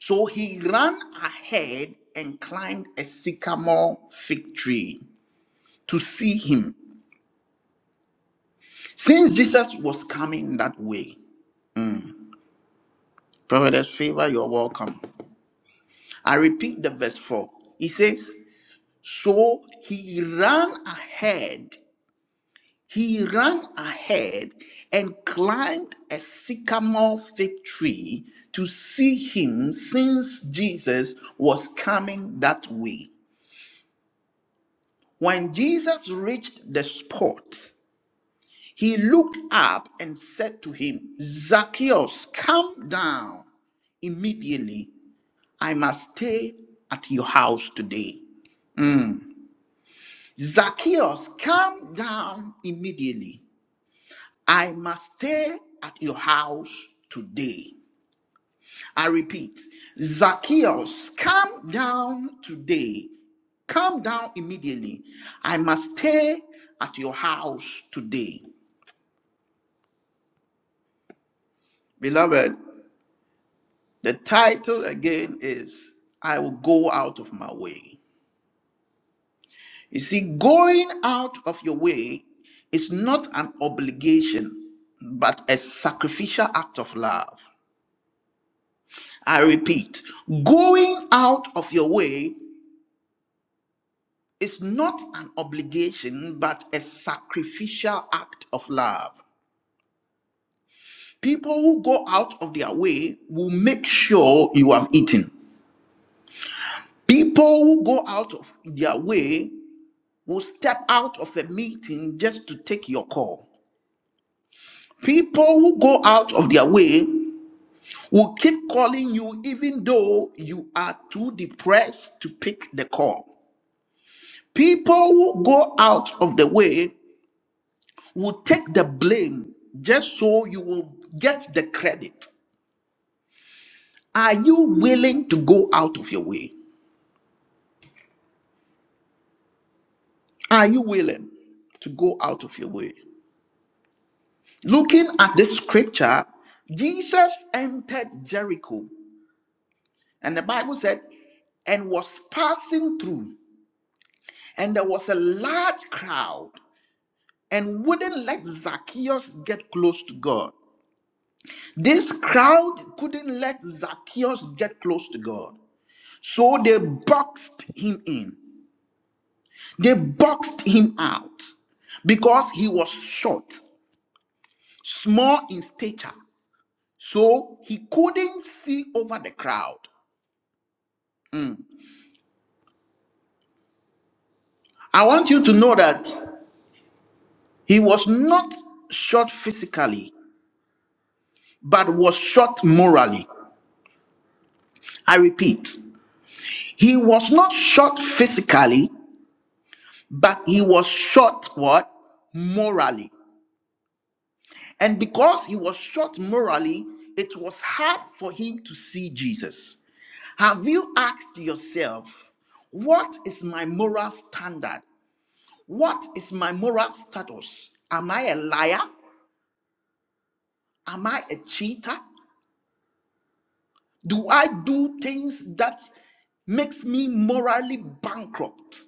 B: So he ran ahead and climbed a sycamore fig tree to see him. Since Jesus was coming that way, Providence favor, you're welcome. I repeat the verse 4. He says, So he ran ahead, he ran ahead and climbed a sycamore fig tree to see him since Jesus was coming that way. When Jesus reached the spot, he looked up and said to him, Zacchaeus, come down immediately. I must stay at your house today. Zacchaeus, come down immediately. I must stay at your house today. I repeat, Zacchaeus, come down today. Come down immediately. I must stay at your house today. Beloved, the title again is I will go out of my way. You see, going out of your way is not an obligation, but a sacrificial act of love. I repeat, going out of your way is not an obligation, but a sacrificial act of love. People who go out of their way will make sure you have eaten. People who go out of their way will step out of a meeting just to take your call. People who go out of their way will keep calling you even though you are too depressed to pick the call. People who go out of the way will take the blame just so you will get the credit. Are you willing to go out of your way? Are you willing to go out of your way? Looking at this scripture, Jesus entered Jericho, and the Bible said, and was passing through, and there was a large crowd, and wouldn't let Zacchaeus get close to God. This crowd couldn't let Zacchaeus get close to God. So they boxed him in. They boxed him out because he was short, small in stature. So he couldn't see over the crowd. I want you to know that he was not short physically, but was short morally. I repeat, he was not short physically, but he was short what? Morally. And because he was short morally, it was hard for him to see Jesus. Have you asked yourself, what is my moral standard? What is my moral status? Am I a liar? Am I a cheater? Do I do things that makes me morally bankrupt?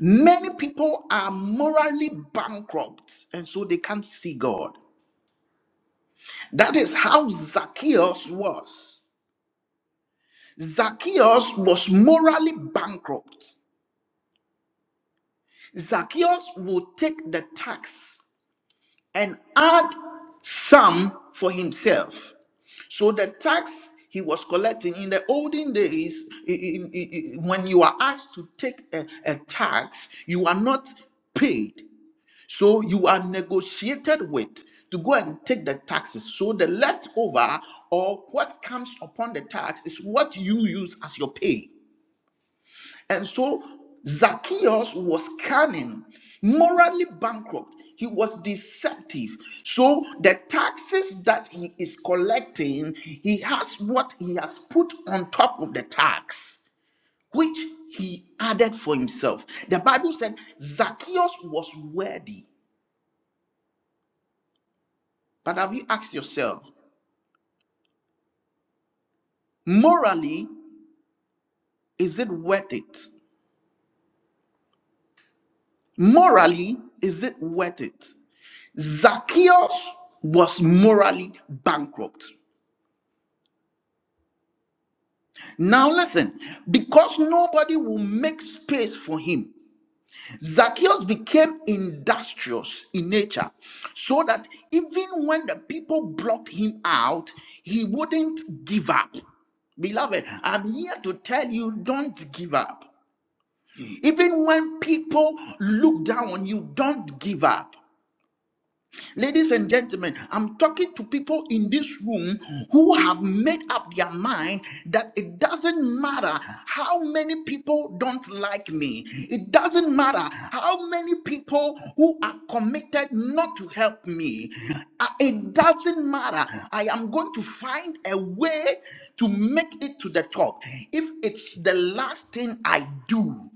B: Many people are morally bankrupt and so they can't see God. That is how Zacchaeus was. Zacchaeus was morally bankrupt. Zacchaeus would take the tax and add some for himself. So the tax he was collecting in the olden days, i- i- i- i- when you are asked to take a, a tax, you are not paid. So you are negotiated with to go and take the taxes. So the leftover or what comes upon the tax is what you use as your pay. And so Zacchaeus was cunning, morally bankrupt. He was deceptive. So the taxes that he is collecting, he has what he has put on top of the tax, which he added for himself. The Bible said Zacchaeus was worthy. But have you asked yourself, morally, is it worth it? Morally, is it worth it? Zacchaeus was morally bankrupt. Now listen, because nobody will make space for him, Zacchaeus became industrious in nature, so that even when the people blocked him out, he wouldn't give up. Beloved, I'm here to tell you don't give up. Even when people look down on you, don't give up. Ladies and gentlemen, I'm talking to people in this room who have made up their mind that it doesn't matter how many people don't like me. It doesn't matter how many people who are committed not to help me. Uh, It doesn't matter. I am going to find a way to make it to the top. If it's the last thing I do,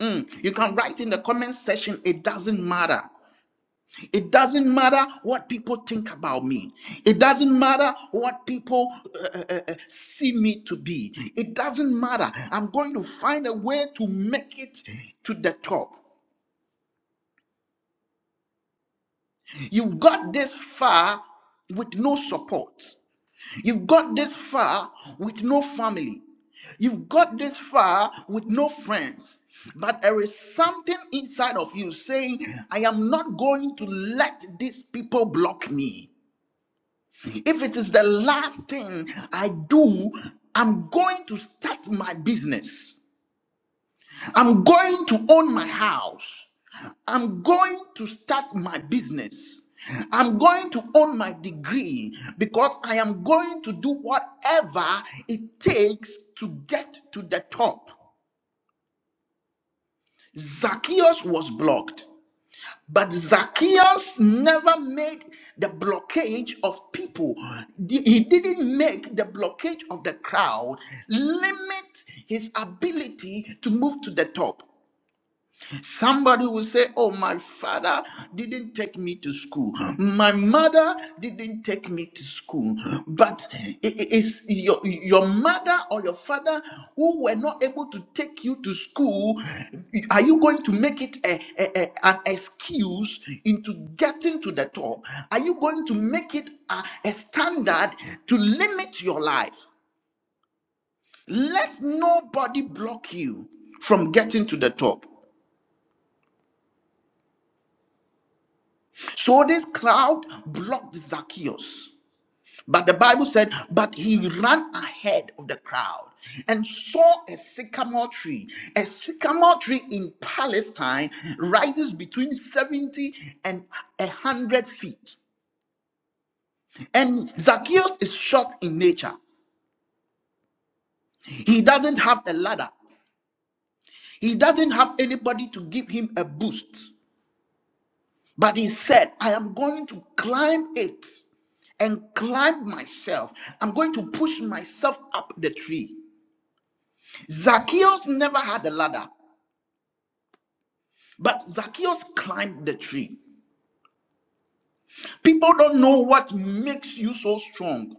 B: mm, you can write in the comment section, it doesn't matter. It doesn't matter what people think about me. It doesn't matter what people uh, uh, uh, uh, see me to be. It doesn't matter. I'm going to find a way to make it to the top. You have got this far with no support. You have got this far with no family. You've got this far with no friends, but there is something inside of you saying, I am not going to let these people block me. If it is the last thing I do, I'm going to start my business. I'm going to own my house. I'm going to start my business. I'm going to own my degree because I am going to do whatever it takes to get to the top. Zacchaeus was blocked. But Zacchaeus never made the blockage of people. Di- He didn't make the blockage of the crowd limit his ability to move to the top. Somebody will say, Oh, my father didn't take me to school. My mother didn't take me to school. But i- i- it's your, your mother or your father who were not able to take you to school. Are you going to make it a, a- a- an excuse into getting to the top? Are you going to make it a, a standard to limit your life? Let nobody block you from getting to the top. So this crowd blocked Zacchaeus. But the Bible said, but he ran ahead of the crowd and saw a sycamore tree. A sycamore tree in Palestine rises between 70 and 100 feet. And Zacchaeus is short in nature. He doesn't have a ladder, he doesn't have anybody to give him a boost. But he said, I am going to climb it and climb myself. I'm going to push myself up the tree. Zacchaeus never had a ladder, but Zacchaeus climbed the tree. People don't know what makes you so strong.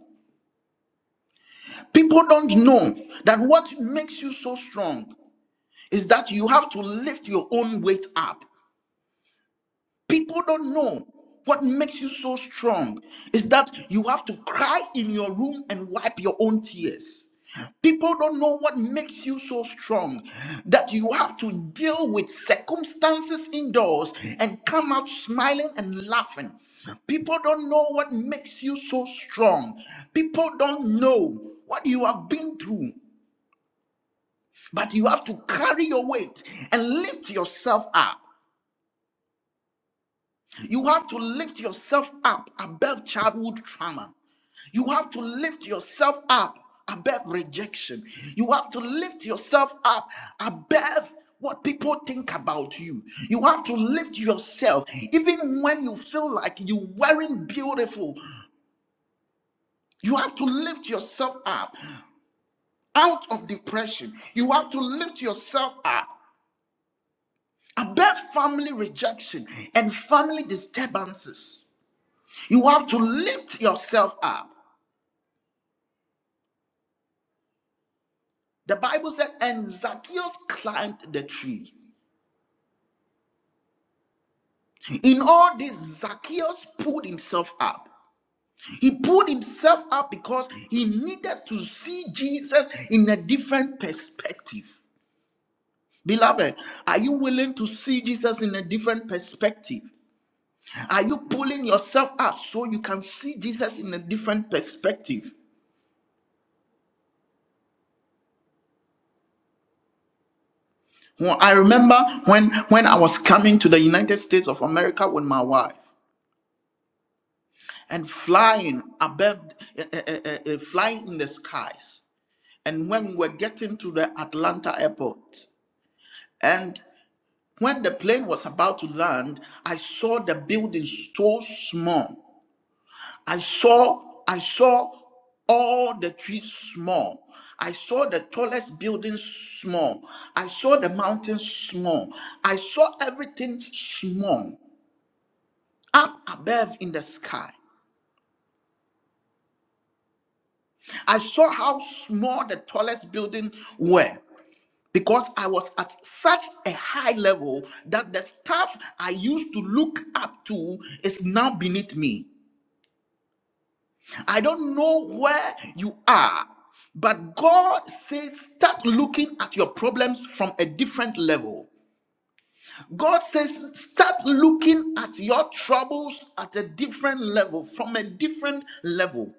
B: People don't know that what makes you so strong is that you have to lift your own weight up. People don't know what makes you so strong is that you have to cry in your room and wipe your own tears. People don't know what makes you so strong that you have to deal with circumstances indoors and come out smiling and laughing. People don't know what makes you so strong. People don't know what you have been through, but you have to carry your weight and lift yourself up. You have to lift yourself up above childhood trauma. You have to lift yourself up above rejection. You have to lift yourself up above what people think about you. You have to lift yourself, even when you feel like you weren't beautiful. You have to lift yourself up out of depression. You have to lift yourself up above family rejection and family disturbances. You have to lift yourself up. The Bible said, and Zacchaeus climbed the tree. In all this, Zacchaeus pulled himself up. He pulled himself up because he needed to see Jesus in a different perspective. Beloved, are you willing to see Jesus in a different perspective? Are you pulling yourself up so you can see Jesus in a different perspective? Well, I remember when when I was coming to the United States of America with my wife. and flying above, eh, eh, eh, eh, eh, flying in the skies. And when we were getting to the Atlanta airport, and when the plane was about to land, I saw the building so small. I saw, I saw all the trees small. I saw the tallest building small. I saw the mountains small. I saw everything small up above in the sky. I saw how small the tallest building were because I was at such a high level that the stuff I used to look up to is now beneath me. I don't know where you are, but God says start looking at your problems from a different level. God says, start looking at your troubles at a different level, from a different level.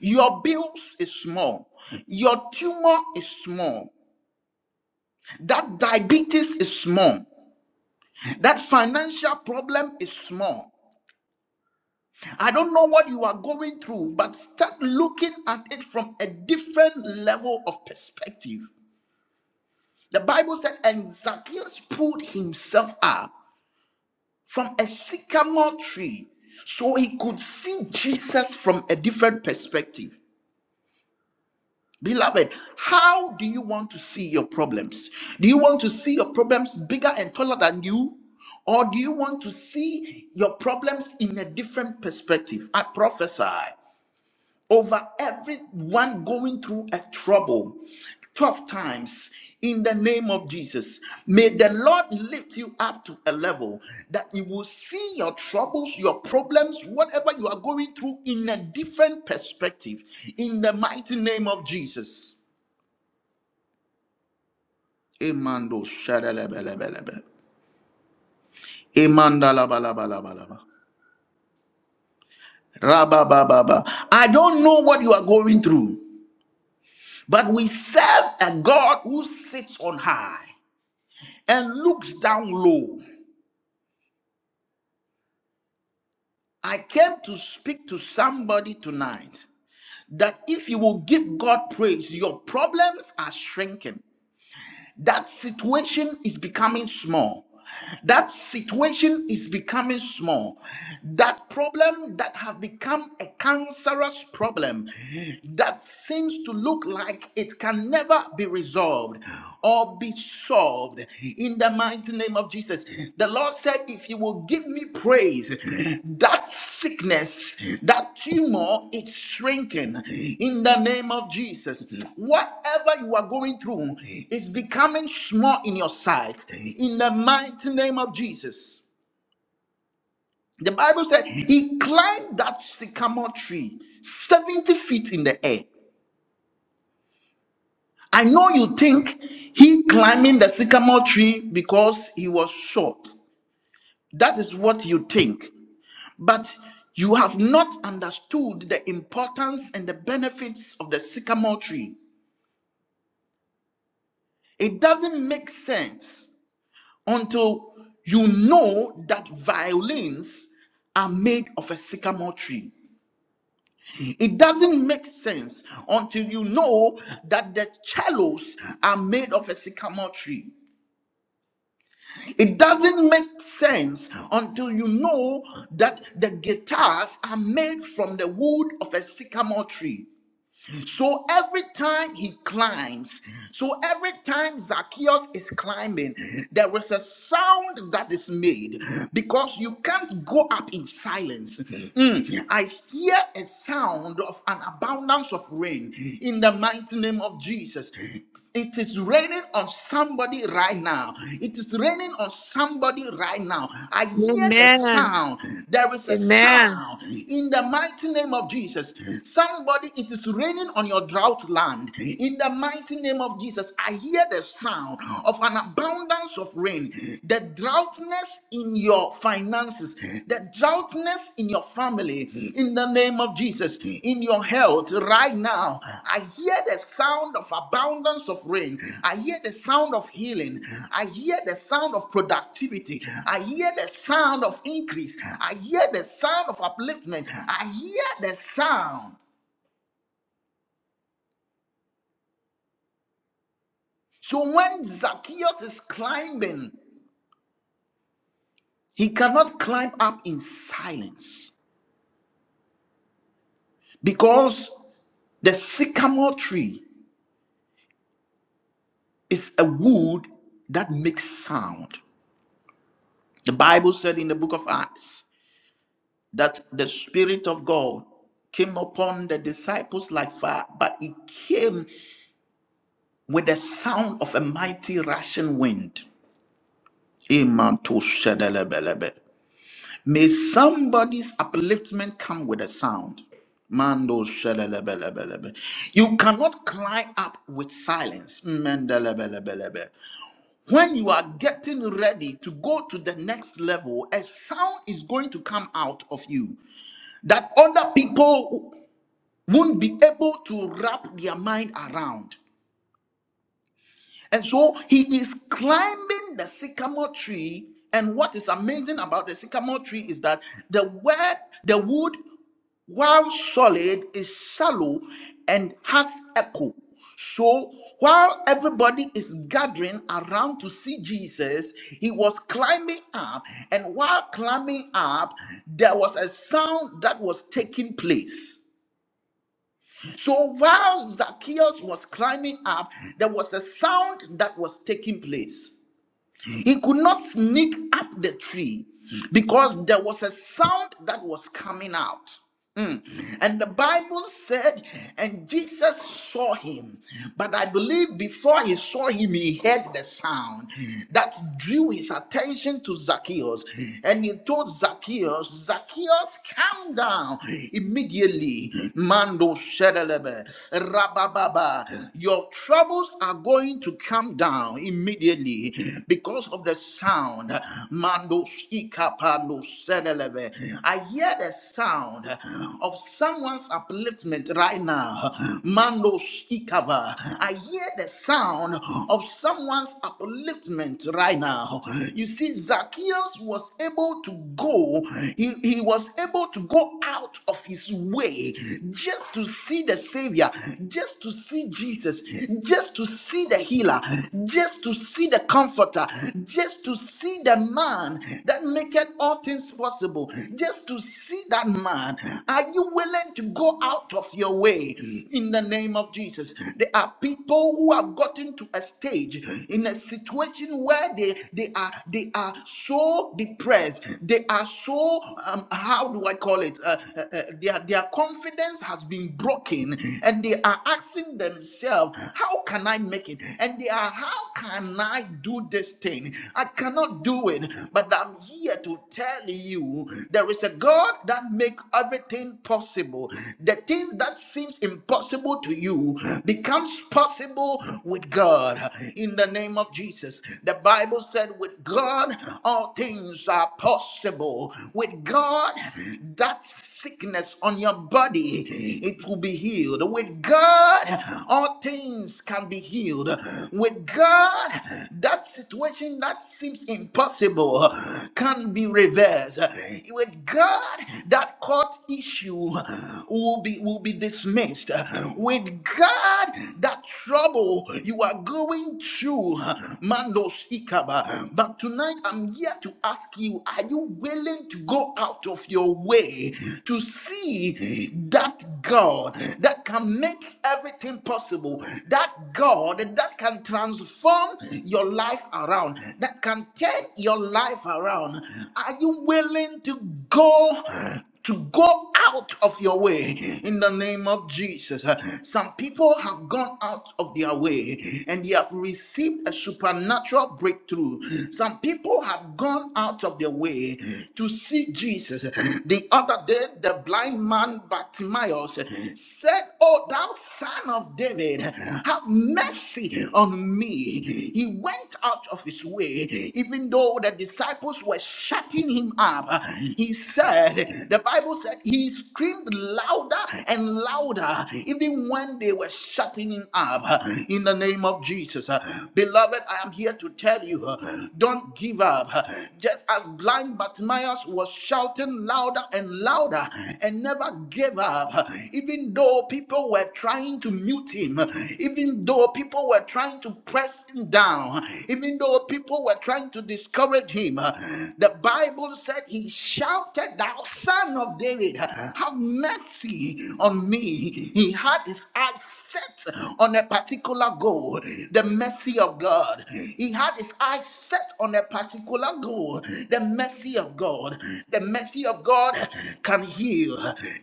B: Your bills is small, your tumor is small, that diabetes is small, that financial problem is small. I don't know what you are going through, but start looking at it from a different level of perspective. The Bible said, and Zacchaeus pulled himself up. from a sycamore tree so he could see Jesus from a different perspective. Beloved, how do you want to see your problems? Do you want to see your problems bigger and taller than you? Or do you want to see your problems in a different perspective? I prophesy over everyone going through a trouble, tough times. In the name of Jesus, may the Lord lift you up to a level that you will see your troubles, your problems, whatever you are going through in a different perspective. In the mighty name of Jesus. Emando shadalebelebelebe. Emandalabalabalaba. Rabababa. I don't know what you are going through, but we serve a God who sits on high. and looked down low. I came to speak to somebody tonight that if you will give God praise, your problems are shrinking. That situation is becoming small. That situation is becoming small. That problem that have become a cancerous problem that seems to look like it can never be resolved or be solved in the mighty name of Jesus. The Lord said, If you will give me praise, that sickness, that tumor, it's shrinking in the name of Jesus. Whatever you are going through is becoming small in your sight in the mighty name of Jesus. The Bible said he climbed that sycamore tree 70 feet in the air. I know you think he climbing the sycamore tree because he was short. That is what you think. But you have not understood the importance and the benefits of the sycamore tree. It doesn't make sense until you know that violins are made of a sycamore tree. It doesn't make sense until you know that the cellos are made of a sycamore tree. It doesn't make sense until you know that the guitars are made from the wood of a sycamore tree. So every time he climbs, so every time Zacchaeus is climbing, there is a sound that is made because you can't go up in silence. Mm, I hear a sound of an abundance of rain in the mighty name of Jesus. It is raining on somebody right now. It is raining on somebody right now. I hear the
C: Amen.
B: sound. There is a
C: Amen.
B: sound in the mighty name of Jesus. Somebody, it is raining on your drought land. In the mighty name of Jesus, I hear the sound of an abundance of rain. The droughtness in your finances, the droughtness in your family, in the name of Jesus, in your health right now. I hear the sound of abundance of rain. I hear the sound of healing. I hear the sound of productivity. I hear the sound of increase. I hear the sound of upliftment. I hear the sound. So when Zacchaeus is climbing, he cannot climb up in silence because the sycamore tree It's a wood that makes sound. The Bible said in the book of Acts that the Spirit of God came upon the disciples like fire, but it came with the sound of a mighty rushing wind. Amen. to shedelebelebe. May somebody's upliftment come with a sound. Mando shedelebelebelebe. You cannot climb up with silence. Mendelebelebelebe. When you are getting ready to go to the next level, a sound is going to come out of you that other people won't be able to wrap their mind around. And so he is climbing the sycamore tree. And what is amazing about the sycamore tree is that the word, the wood, while solid, is shallow and has echo. So while everybody is gathering around to see Jesus, he was climbing up. And while climbing up, there was a sound that was taking place. So while Zacchaeus was climbing up, there was a sound that was taking place. He could not sneak up the tree because there was a sound that was coming out. Mm. And the Bible said, and Jesus saw him. But I believe before he saw him, he heard the sound that drew his attention to Zacchaeus. And he told Zacchaeus, Zacchaeus, come down immediately. Mando shedelebe, rabababa. Your troubles are going to come down immediately because of the sound. Mando shikapando shedelebe. I hear the sound sound of someone's upliftment right now. Mando Ikaba. I hear the sound of someone's upliftment right now. You see, Zacchaeus was able to go, he, he was able to go out of his way just to see the Savior, just to see Jesus, just to see the healer, just to see the comforter, just to see the man that maketh all things possible, just to see see that man, are you willing to go out of your way in the name of Jesus? There are people who have gotten to a stage in a situation where they they are they are so depressed. They are so um, how do I call it? Uh, uh, uh, their their confidence has been broken, and they are asking themselves, "How can I make it?" And they are, "How can I do this thing? I cannot do it." But I'm here to tell you, there is a a God that makes everything possible. The things that seems impossible to you becomes possible with God. In the name of Jesus, the Bible said, "With God, all things are possible." With God, that sickness on your body it will be healed. With God, all things can be healed. With God, that situation that seems impossible can be reversed with God, that court issue will be will be dismissed. With God, that trouble you are going through, Mandos Ikaba. But tonight I'm here to ask you: Are you willing to go out of your way to see that God that can make everything possible? That God that can transform your life around, that can turn your life around. Are you willing? willing to go to go out of your way in the name of Jesus. Some people have gone out of their way and they have received a supernatural breakthrough. Some people have gone out of their way to see Jesus. The other day, the blind man Bartimaeus said, Oh, thou son of David, have mercy on me. He went out of his way, even though the disciples were cutting him up. He said, the Bible said he screamed louder and louder, even when they were shutting him up. In the name of Jesus. Beloved, I am here to tell you, don't give up. Just as blind Bartimaeus was shouting louder and louder and never gave up, even though people were trying to mute him, even though people were trying to press him down, even though people were trying to discourage him, the Bible said he shouted, Thou son of David, have mercy on me. He had his eyes set on a particular goal, the mercy of God. He had his eyes set on a particular goal, the mercy of God. The mercy of God can heal,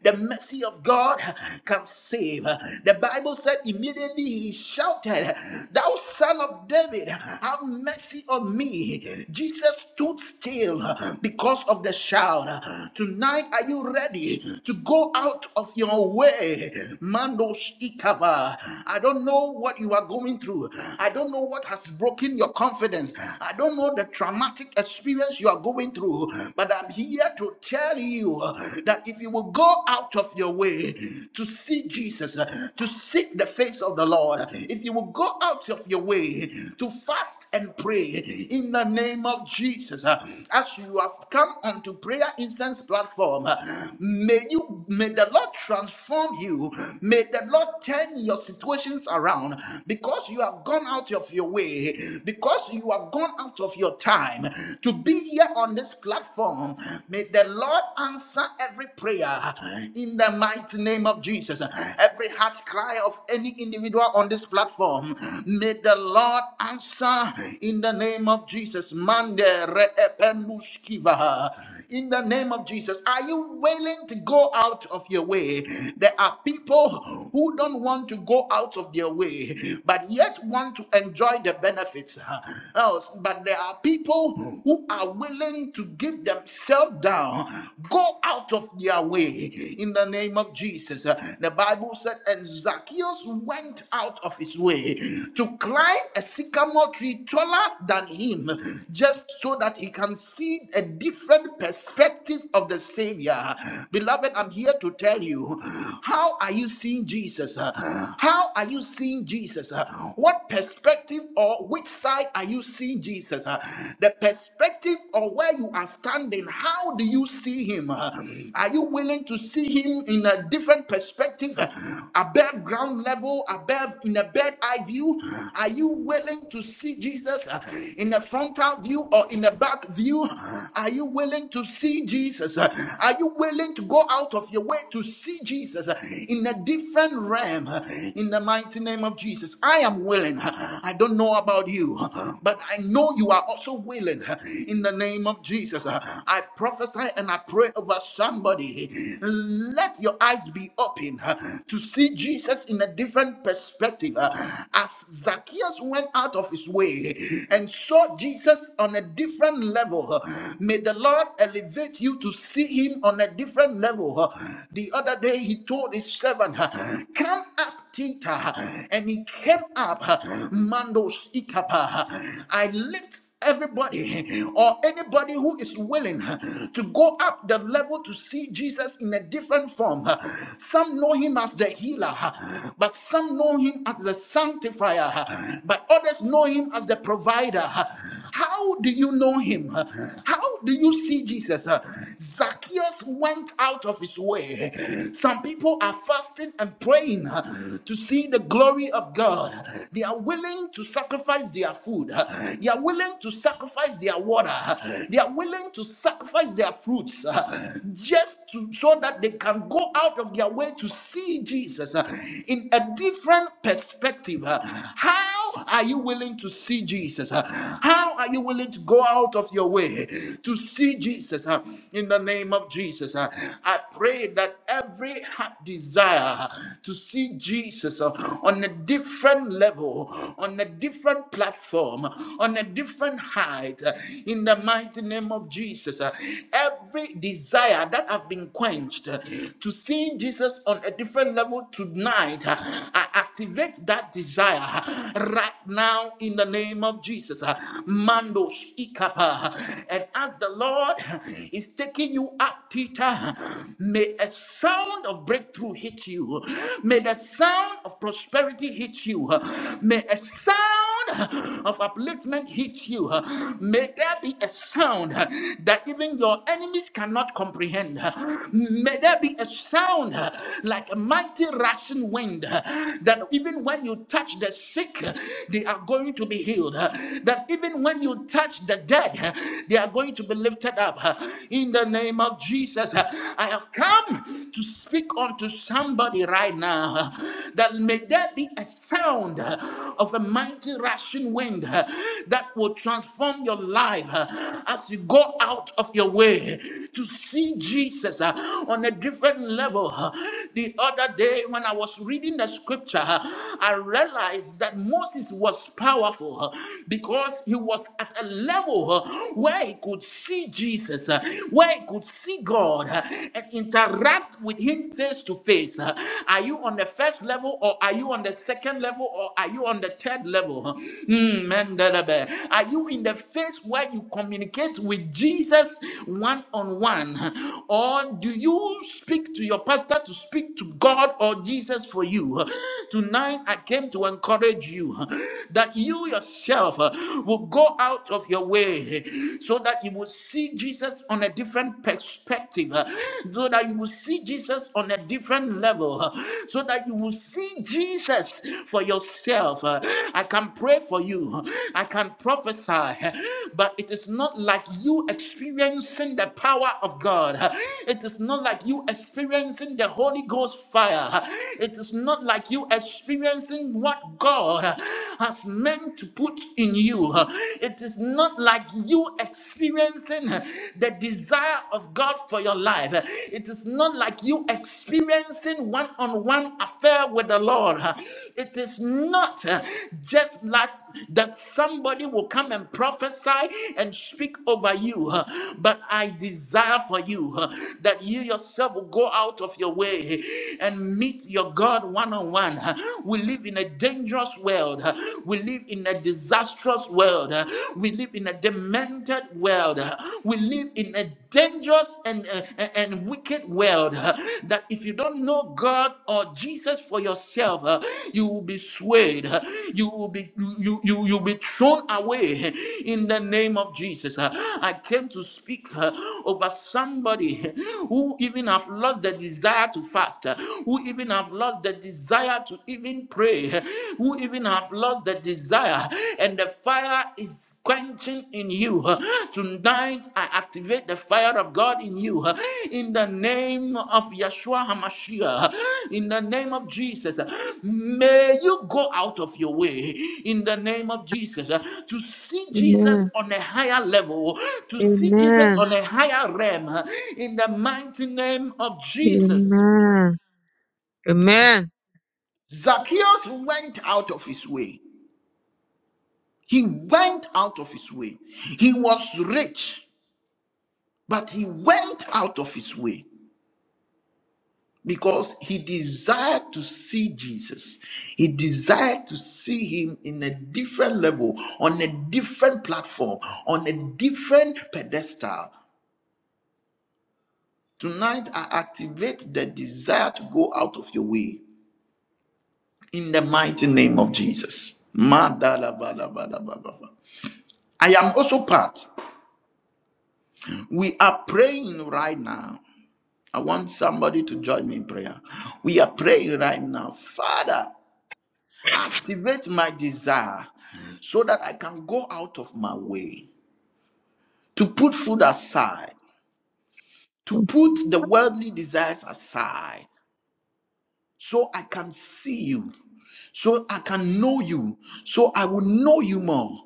B: the mercy of God can save. The Bible said immediately he shouted, Thou son of David, have mercy on me. Jesus stood still uh, because of the shout. uh, Tonight, are you ready to go out of your way? Mandos Ikaba. I don't know what you are going through. I don't know what has broken your confidence. I don't know the traumatic experience you are going through. But I'm here to tell you uh, that if you will go out of your way to see Jesus, uh, to seek the face of the Lord, if you will go out of your way to fast and pray in the name name of Jesus, uh, as you have come onto prayer incense platform, uh, may you may the Lord transform you. May the Lord turn your situations around because you have gone out of your way, because you have gone out of your time to be here on this platform. May the Lord answer every prayer in the mighty name of Jesus. Every heart cry of any individual on this platform, may the Lord answer in the name of Jesus, Mande Reepenuskiva. in the name of Jesus, are you willing to go out of your way? There are people who don't want to go out of their way, but yet want to enjoy the benefits. Else, but there are people who are willing to give themselves down, go out of their way in the name of Jesus. The Bible said, and Zacchaeus went out of his way to climb a sycamore tree taller than him just so that he can see a different perspective of the Savior. Beloved, I'm here to tell you how are you seeing Jesus? How are you seeing Jesus? What perspective or which side are you seeing Jesus? The perspective or where you are standing, how do you see him? Are you willing to see him in a different perspective, above ground level, above in a bird eye view? Are you willing to see Jesus? Jesus uh, in a frontal view or in a back view? Are you willing to see Jesus? Uh, Are you willing to go out of your way to see Jesus uh, in a different realm? uh, In the mighty name of Jesus, I am willing. Uh, I don't know about you, uh, but I know you are also willing. uh, In the name of Jesus, Uh, I prophesy and I pray over somebody. Let your eyes be open uh, to see Jesus in a different perspective. Uh, As Zacchaeus went out of of his way and saw Jesus on a different level. May the Lord elevate you to see him on a different level. The other day he told his servant, Come up. Tita, and he came up, Mandos Ikapa. I lift Everybody [LAUGHS] or anybody who is willing [LAUGHS] to go up the level to see Jesus in a different form. [LAUGHS] Some know him as the healer, [LAUGHS] but some know him as the sanctifier, [LAUGHS] but others know him as the provider. [LAUGHS] How do you know him? [LAUGHS] How do you see Jesus? [LAUGHS] Zacchaeus went out of his way. [LAUGHS] Some people are fasting and praying [LAUGHS] to see the glory of God. They are willing to sacrifice their food. They are willing to sacrifice their water. They are willing to sacrifice their fruits uh, just to, so that they can go out of their way to see Jesus uh, in a different perspective. Uh, How are you willing to see Jesus? Uh, How are you willing to go out of your way to see Jesus? uh, In the name of Jesus, Uh, I pray that every heart desire to see Jesus uh, on on a different level, on a different platform, on a different height. uh, In the mighty name of Jesus, Uh, every desire that have been quenched uh, to see Jesus on a different level tonight, uh, I activate that desire right now in the name of Jesus. Uh, Mando Ikapa. And as the Lord is taking you up, Peter, may a sound of breakthrough hit you you. May the sound of prosperity hit you. May a sound of upliftment hit you. May there be a sound that even your enemies cannot comprehend. May there be a sound like a mighty rushing wind that even when you touch the sick, they are going to be healed. That even when you touch the dead, they are going to be lifted up. In the name of Jesus, I have come to speak unto somebody right now uh, that may there be a sound uh, of a mighty rushing wind uh, that will transform your life uh, as you go out of your way to see Jesus uh, on a different level. uh. The other day, when I was reading the scripture, uh, I realized that Moses was powerful uh, because he was at a level uh, where he could see Jesus, uh, where I could see God uh, and interact with him face to face. Uh, Are you on the first level or are you on the second level or are you on the third level? Hmm, Mendelebe. Are you in the phase where you communicate with Jesus one on one? Or do you speak to your pastor to speak to God or Jesus for you? Tonight, I came to encourage you huh, that you yourself uh, will go out of your way huh, so that you will see Jesus on a different perspective, uh, so that you will see Jesus on a different level, uh, so that you will see Jesus for yourself. uh. I can pray for you, huh, I can prophesy, huh, but it is not like you experiencing the power of God. huh. It is not like you experiencing the Holy Ghost fire. huh. It is not like you experiencing what God uh, has meant to put in you. Uh, It is not like you experiencing uh, the desire of God for your life. Uh, It is not like you experiencing one on one affair with the Lord. Uh, It is not uh, just like that somebody will come and prophesy and speak over you, uh, but I desire for you uh, that you yourself will go out of your way and meet meet your God one on one. We live in a dangerous world. huh? We live in a disastrous world. huh? We live in a demented world. huh? We live in a dangerous and, and, and wicked world huh? that if you don't know God or Jesus for yourself, uh, you will be swayed. uh, You will be you you you'll be thrown away huh? in the name of Jesus. Uh, I came to speak uh, over somebody huh, who even have lost the desire to fast. uh, who even have lost the desire to even pray, who even have lost the desire, and the fire is quenching in you. Tonight, I activate the fire of God in you. In the name of Yeshua HaMashiach, in the name of Jesus, may you go out of your way. In the name of Jesus, to see Jesus
C: Amen.
B: on a higher level, to see Jesus
C: Amen.
B: on a higher realm. In the mighty name of Jesus.
C: Amen.
B: Zacchaeus went out of his way. He went out of his way. He was rich, but he went out of his way because he desired to see Jesus. He desired to see him in a different level, on a different platform, on a different pedestal. Tonight, I activate the desire to go out of your way in the mighty name of Jesus. Madalabalabalabalaba. I am also part. We are praying right now. I want somebody to join me in prayer. We are praying right now. Father, activate my desire so that I can go out of my way to put food aside, to
C: Amen.
B: put the worldly desires aside, so I can see you, so I can know you, so I will know you more.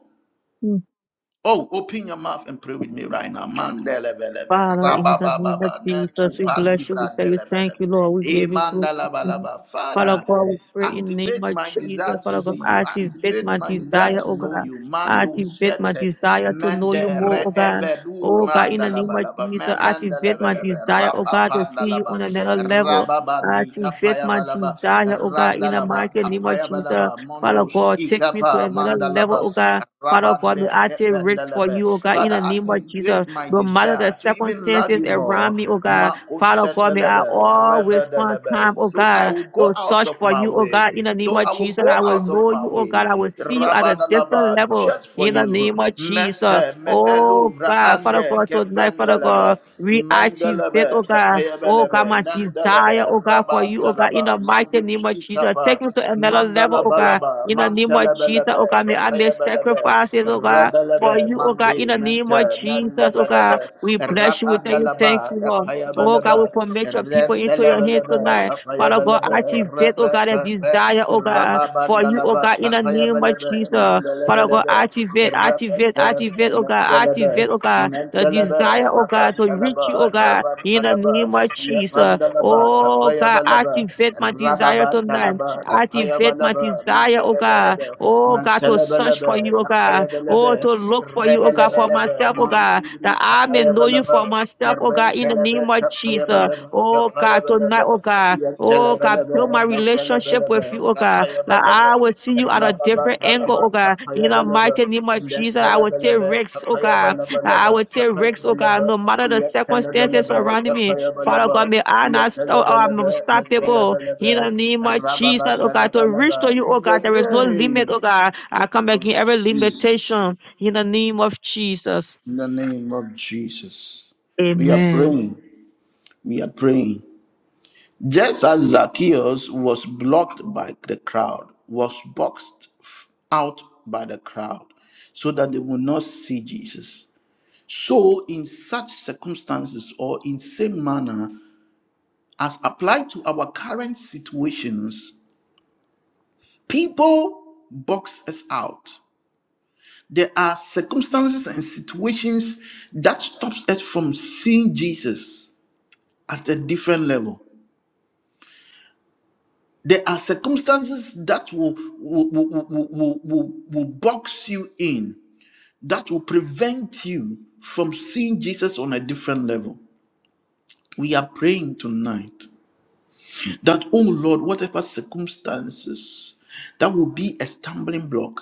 B: Oh, open your mouth and pray with me right now. Mandelebelebe,
C: Father, in the name of
B: rabababa,
C: Jesus, we
B: nekupa
C: bless you. We
B: libra
C: tell you thank
B: delebelebe,
C: you, Lord. We give you glory.
B: emandalabalaba.
C: Father
B: Father,
C: God, we pray in the name
B: activate
C: of
B: my
C: Jesus.
B: desire to
C: Father God,
B: see you.
C: activate
B: Activate
C: my
B: my desire
C: desire,
B: to
C: oh God.
B: know you. Mando
C: Activate my
B: sete,
C: desire to know
B: mende
C: you more, oh God.
B: reevedu
C: Oh God, in the name of
B: mandalabalaba,
C: Jesus, activate my
B: memendelebelebe,
C: desire, oh God, to see you
B: rapapandalaba,
C: on another level.
B: rababandi
C: Activate my
B: kapayabalaba,
C: desire, oh God, in the
B: randalaba,
C: mighty name of Jesus.
B: kapayabalaba,
C: Father
B: mondos
C: God, take me to
B: ikapa
C: another level, oh God. Father
B: mandalaba,
C: God, may I take risks for you, oh God, in
B: Father,
C: the name of Jesus.
B: activate my
C: No matter the
B: desire to even love
C: circumstances
B: you more.
C: around me, oh God, Father God, may I always find time, oh
B: So I
C: God,
B: will
C: to
B: go out
C: search
B: of
C: for
B: my
C: you, oh
B: way.
C: God, in the name
B: So
C: of
B: I will
C: Jesus.
B: go
C: I will
B: out of
C: know
B: my
C: you, oh
B: way,
C: God. I will see you at a different
B: Rabadalaba,
C: level
B: just for
C: in the
B: you.
C: name of Jesus.
B: Mente me
C: Oh
B: eluvra
C: God, Father
B: ande
C: God, tonight, Father
B: kefendelebe,
C: God, reactivate,
B: mendelebe
C: oh God, oh God,
B: kepeyebelebe,
C: my desire, oh
B: mendelebe
C: God, for you, oh God, in
B: rabatalaba,
C: the mighty name
B: mandus
C: of Jesus. Take me
B: ikapa.
C: to another
B: Mandala
C: level, oh God,
B: balaba,
C: in the name
B: mantele
C: of Jesus,
B: belebe,
C: oh God, may I make
B: kefeye belebe,
C: sacrifices, oh God,
B: rebelebe,
C: for you, oh God, in
B: mandi,
C: the name
B: mente,
C: of
B: melle
C: Jesus, oh
B: belebe,
C: God. We bless you. We thank you. Thank
B: rapandalaba,
C: you, Lord.
B: kefeye
C: Oh God,
B: belebe,
C: we commit your people into
B: rentele
C: your hands
B: belebe,
C: tonight.
B: kefeye
C: Father God,
B: belebe,
C: activate, oh
B: rebe,
C: God, a
B: rebe,
C: desire, oh God, for you, oh
B: rababandalaba,
C: God, in the
B: kefeye
C: name of
B: belebe,
C: Jesus.
B: mandele
C: Father God,
B: belebe,
C: activate, activate, activate, oh God,
B: Mentalaba,
C: activate, oh God, the
B: Mentalaba,
C: desire, oh God, to
B: Rabantalaba,
C: reach you, oh God, in the
B: Rabantalaba,
C: name of Jesus.
B: Yapandalaba,
C: Oh God,
B: Apayabalaba,
C: activate my desire tonight.
B: Rababantalaba,
C: Activate my
B: Apayabalaba,
C: desire, oh God.
B: Mandalabalaba,
C: Oh God, to search
B: Mantalabalaba,
C: for you, oh God
B: Apayabalaba,
C: Oh, to look for you, oh God, for
B: Rebelabalaba,
C: myself, oh God,
B: Mandibri,
C: that I may know you
B: Apayabalaba.
C: for myself, oh God, in the name
B: Rentelebe,
C: of Jesus.
B: Capayabalebe,
C: Oh God, tonight,
B: Capayabalebe,
C: oh God. Oh God,
B: Yentelebelebe,
C: build my relationship
B: Mentelebelebe,
C: with you, oh God. That
B: Capayabalebe,
C: I will see you at a different angle,
B: Rababandalaba,
C: oh God. In the
B: Capayabalebe,
C: mighty name of Jesus, I will take
B: Mentelebelebe,
C: risks, oh God. I
B: Capayabalabalebe,
C: will take risks, oh God,
B: Capayabelebe,
C: no matter the circumstances
B: Yentelebelebe,
C: surrounding me. Father
B: Capayabalaba,
C: God, may I not stop, I'm
B: Yentelebelebe,
C: unstoppable. In the
B: Mentelebelebe,
C: name of Jesus, oh God, to
B: Rababandalabalaba,
C: reach to you, oh God, there is
B: in
C: no
B: the name
C: limit, oh
B: of
C: God. I come against every
B: Jesus.
C: limitation in the name of Jesus.
B: In the name of Jesus. We are
C: Amen.
B: praying. We are praying. Just as Zacchaeus was blocked by the crowd, was boxed f- out by the crowd, so that they would not see Jesus. So, in such circumstances, or in same manner as applied to our current situations, people box us out. There are circumstances and situations that stops us from seeing Jesus at a different level. There are circumstances that will, will, will, will, will, will will box you in, that will prevent you from seeing Jesus on a different level. We are praying tonight that, oh Lord, whatever circumstances that will be a stumbling block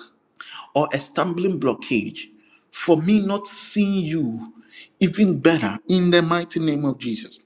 B: or a stumbling blockage for me not seeing you even better in the mighty name of Jesus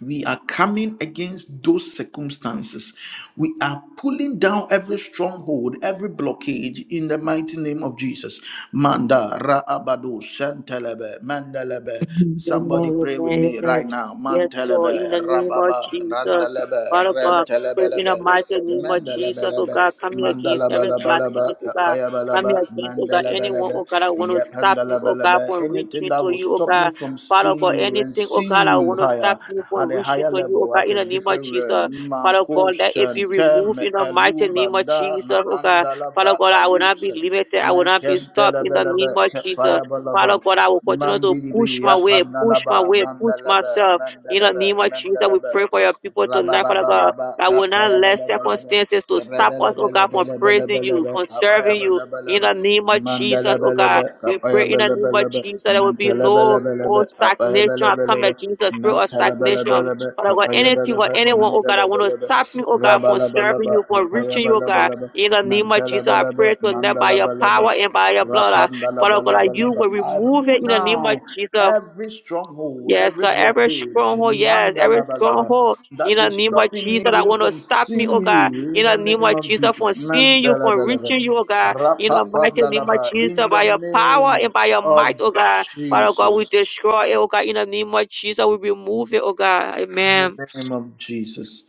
B: we are coming against those circumstances. We are pulling down every stronghold, every blockage in the mighty name of Jesus. Manda Raabado Santelebe Mandelebe.
C: Amen,
B: Somebody pray with
C: amen,
B: me
C: amen.
B: right now.
C: Yes, Lord, in
B: Mantelebe
C: the name of
B: Rababa
C: Jesus.
B: Randalebe
C: Father God, pray in the
B: Rentelebelebe
C: mighty name of Jesus, oh
B: Mandelebelebe
C: God, come here against every black thing, oh
B: Mandalabalaba
C: God. Come here
B: Payabalaba
C: against, oh God, anyone,
B: Mandelebelebe
C: oh God, I want to
B: Yep
C: stop me, oh God,
B: Handalabalebe.
C: from
B: Anything
C: reaching
B: that
C: to
B: will
C: you, oh
B: stop me
C: God.
B: from
C: Father
B: seeing
C: God,
B: you and
C: anything, oh
B: seeing
C: God, I
B: you you
C: want to stop
B: higher,
C: me from
B: at a
C: reaching
B: higher
C: to you, oh
B: level,
C: God,
B: at
C: in
B: a
C: the name of
B: different
C: Jesus.
B: realm.
C: Father
B: Mako
C: God, let it be removed
B: shanteme
C: in the mighty
B: elu
C: name of
B: banda
C: Jesus,
B: na
C: oh God.
B: andalabra
C: Father God, I will not
B: alus.
C: be limited. I will not be stopped in the
B: Menkentelebelebe
C: name of Jesus.
B: kepaya
C: Father
B: balaba.
C: God, I will continue to push
B: Mandiribi
C: my way, push my
B: Yapanalaba
C: way, push
B: Mandalaba
C: myself. In the
B: Mandalaba
C: name of Jesus, we
B: Mandalaba
C: pray for your people tonight, Father God.
B: Rabababa
C: I will not
B: Kapaya
C: let
B: Belebelebe
C: circumstances to stop us, oh God, from praising you,
B: Rebelebelebelebelebe
C: from
B: Kapaya
C: serving you. In
B: Belebelebe
C: the name of Jesus, oh God,
B: Mandalabelebe
C: we
B: Kapaya
C: pray in the name of
B: Belebelebe
C: Jesus, there will be no
B: Nantelebelebelebe
C: oh
B: Kapaya
C: stagnation. I come at
B: Belebelebe
C: Jesus, spirit of stagnation.
B: Natalabalaba,
C: Father God, anything or
B: Hapayabalaba,
C: anyone, oh God, I want to
B: Mandalabalaba,
C: stop me, oh God, from serving
B: Rabalabalaba,
C: you, from reaching you, oh God.
B: Hapayabalabalaba,
C: In the name of Jesus, I pray
B: Natalabalaba,
C: tonight by your
B: Mandalabalaba,
C: power and by your blood. Father God, that you
B: Rapandalabalabalaba.
C: will
B: I
C: remove it
B: pull
C: in the name of
B: down
C: Jesus.
B: every stronghold,
C: Yes,
B: every
C: God, every
B: blockage,
C: stronghold, yes, every
B: Mandalabalaba,
C: stronghold
B: that
C: in the
B: is
C: name of
B: stopping me
C: Jesus that
B: even
C: want to
B: from
C: stop me,
B: seeing
C: oh God,
B: you
C: in
B: in
C: the
B: the
C: name
B: name
C: of
B: of
C: Jesus from
B: Jesus.
C: seeing you, from
B: Mandalabalaba,
C: reaching you, oh God, in the mighty name of
B: Rapapandalaba,
C: Jesus,
B: in the
C: by your power
B: name
C: and by your
B: of
C: might, oh God, Father God, we
B: Jesus.
C: destroy it, oh God, in the name of Jesus, we remove it, oh God,
B: In the
C: amen.
B: name of Jesus.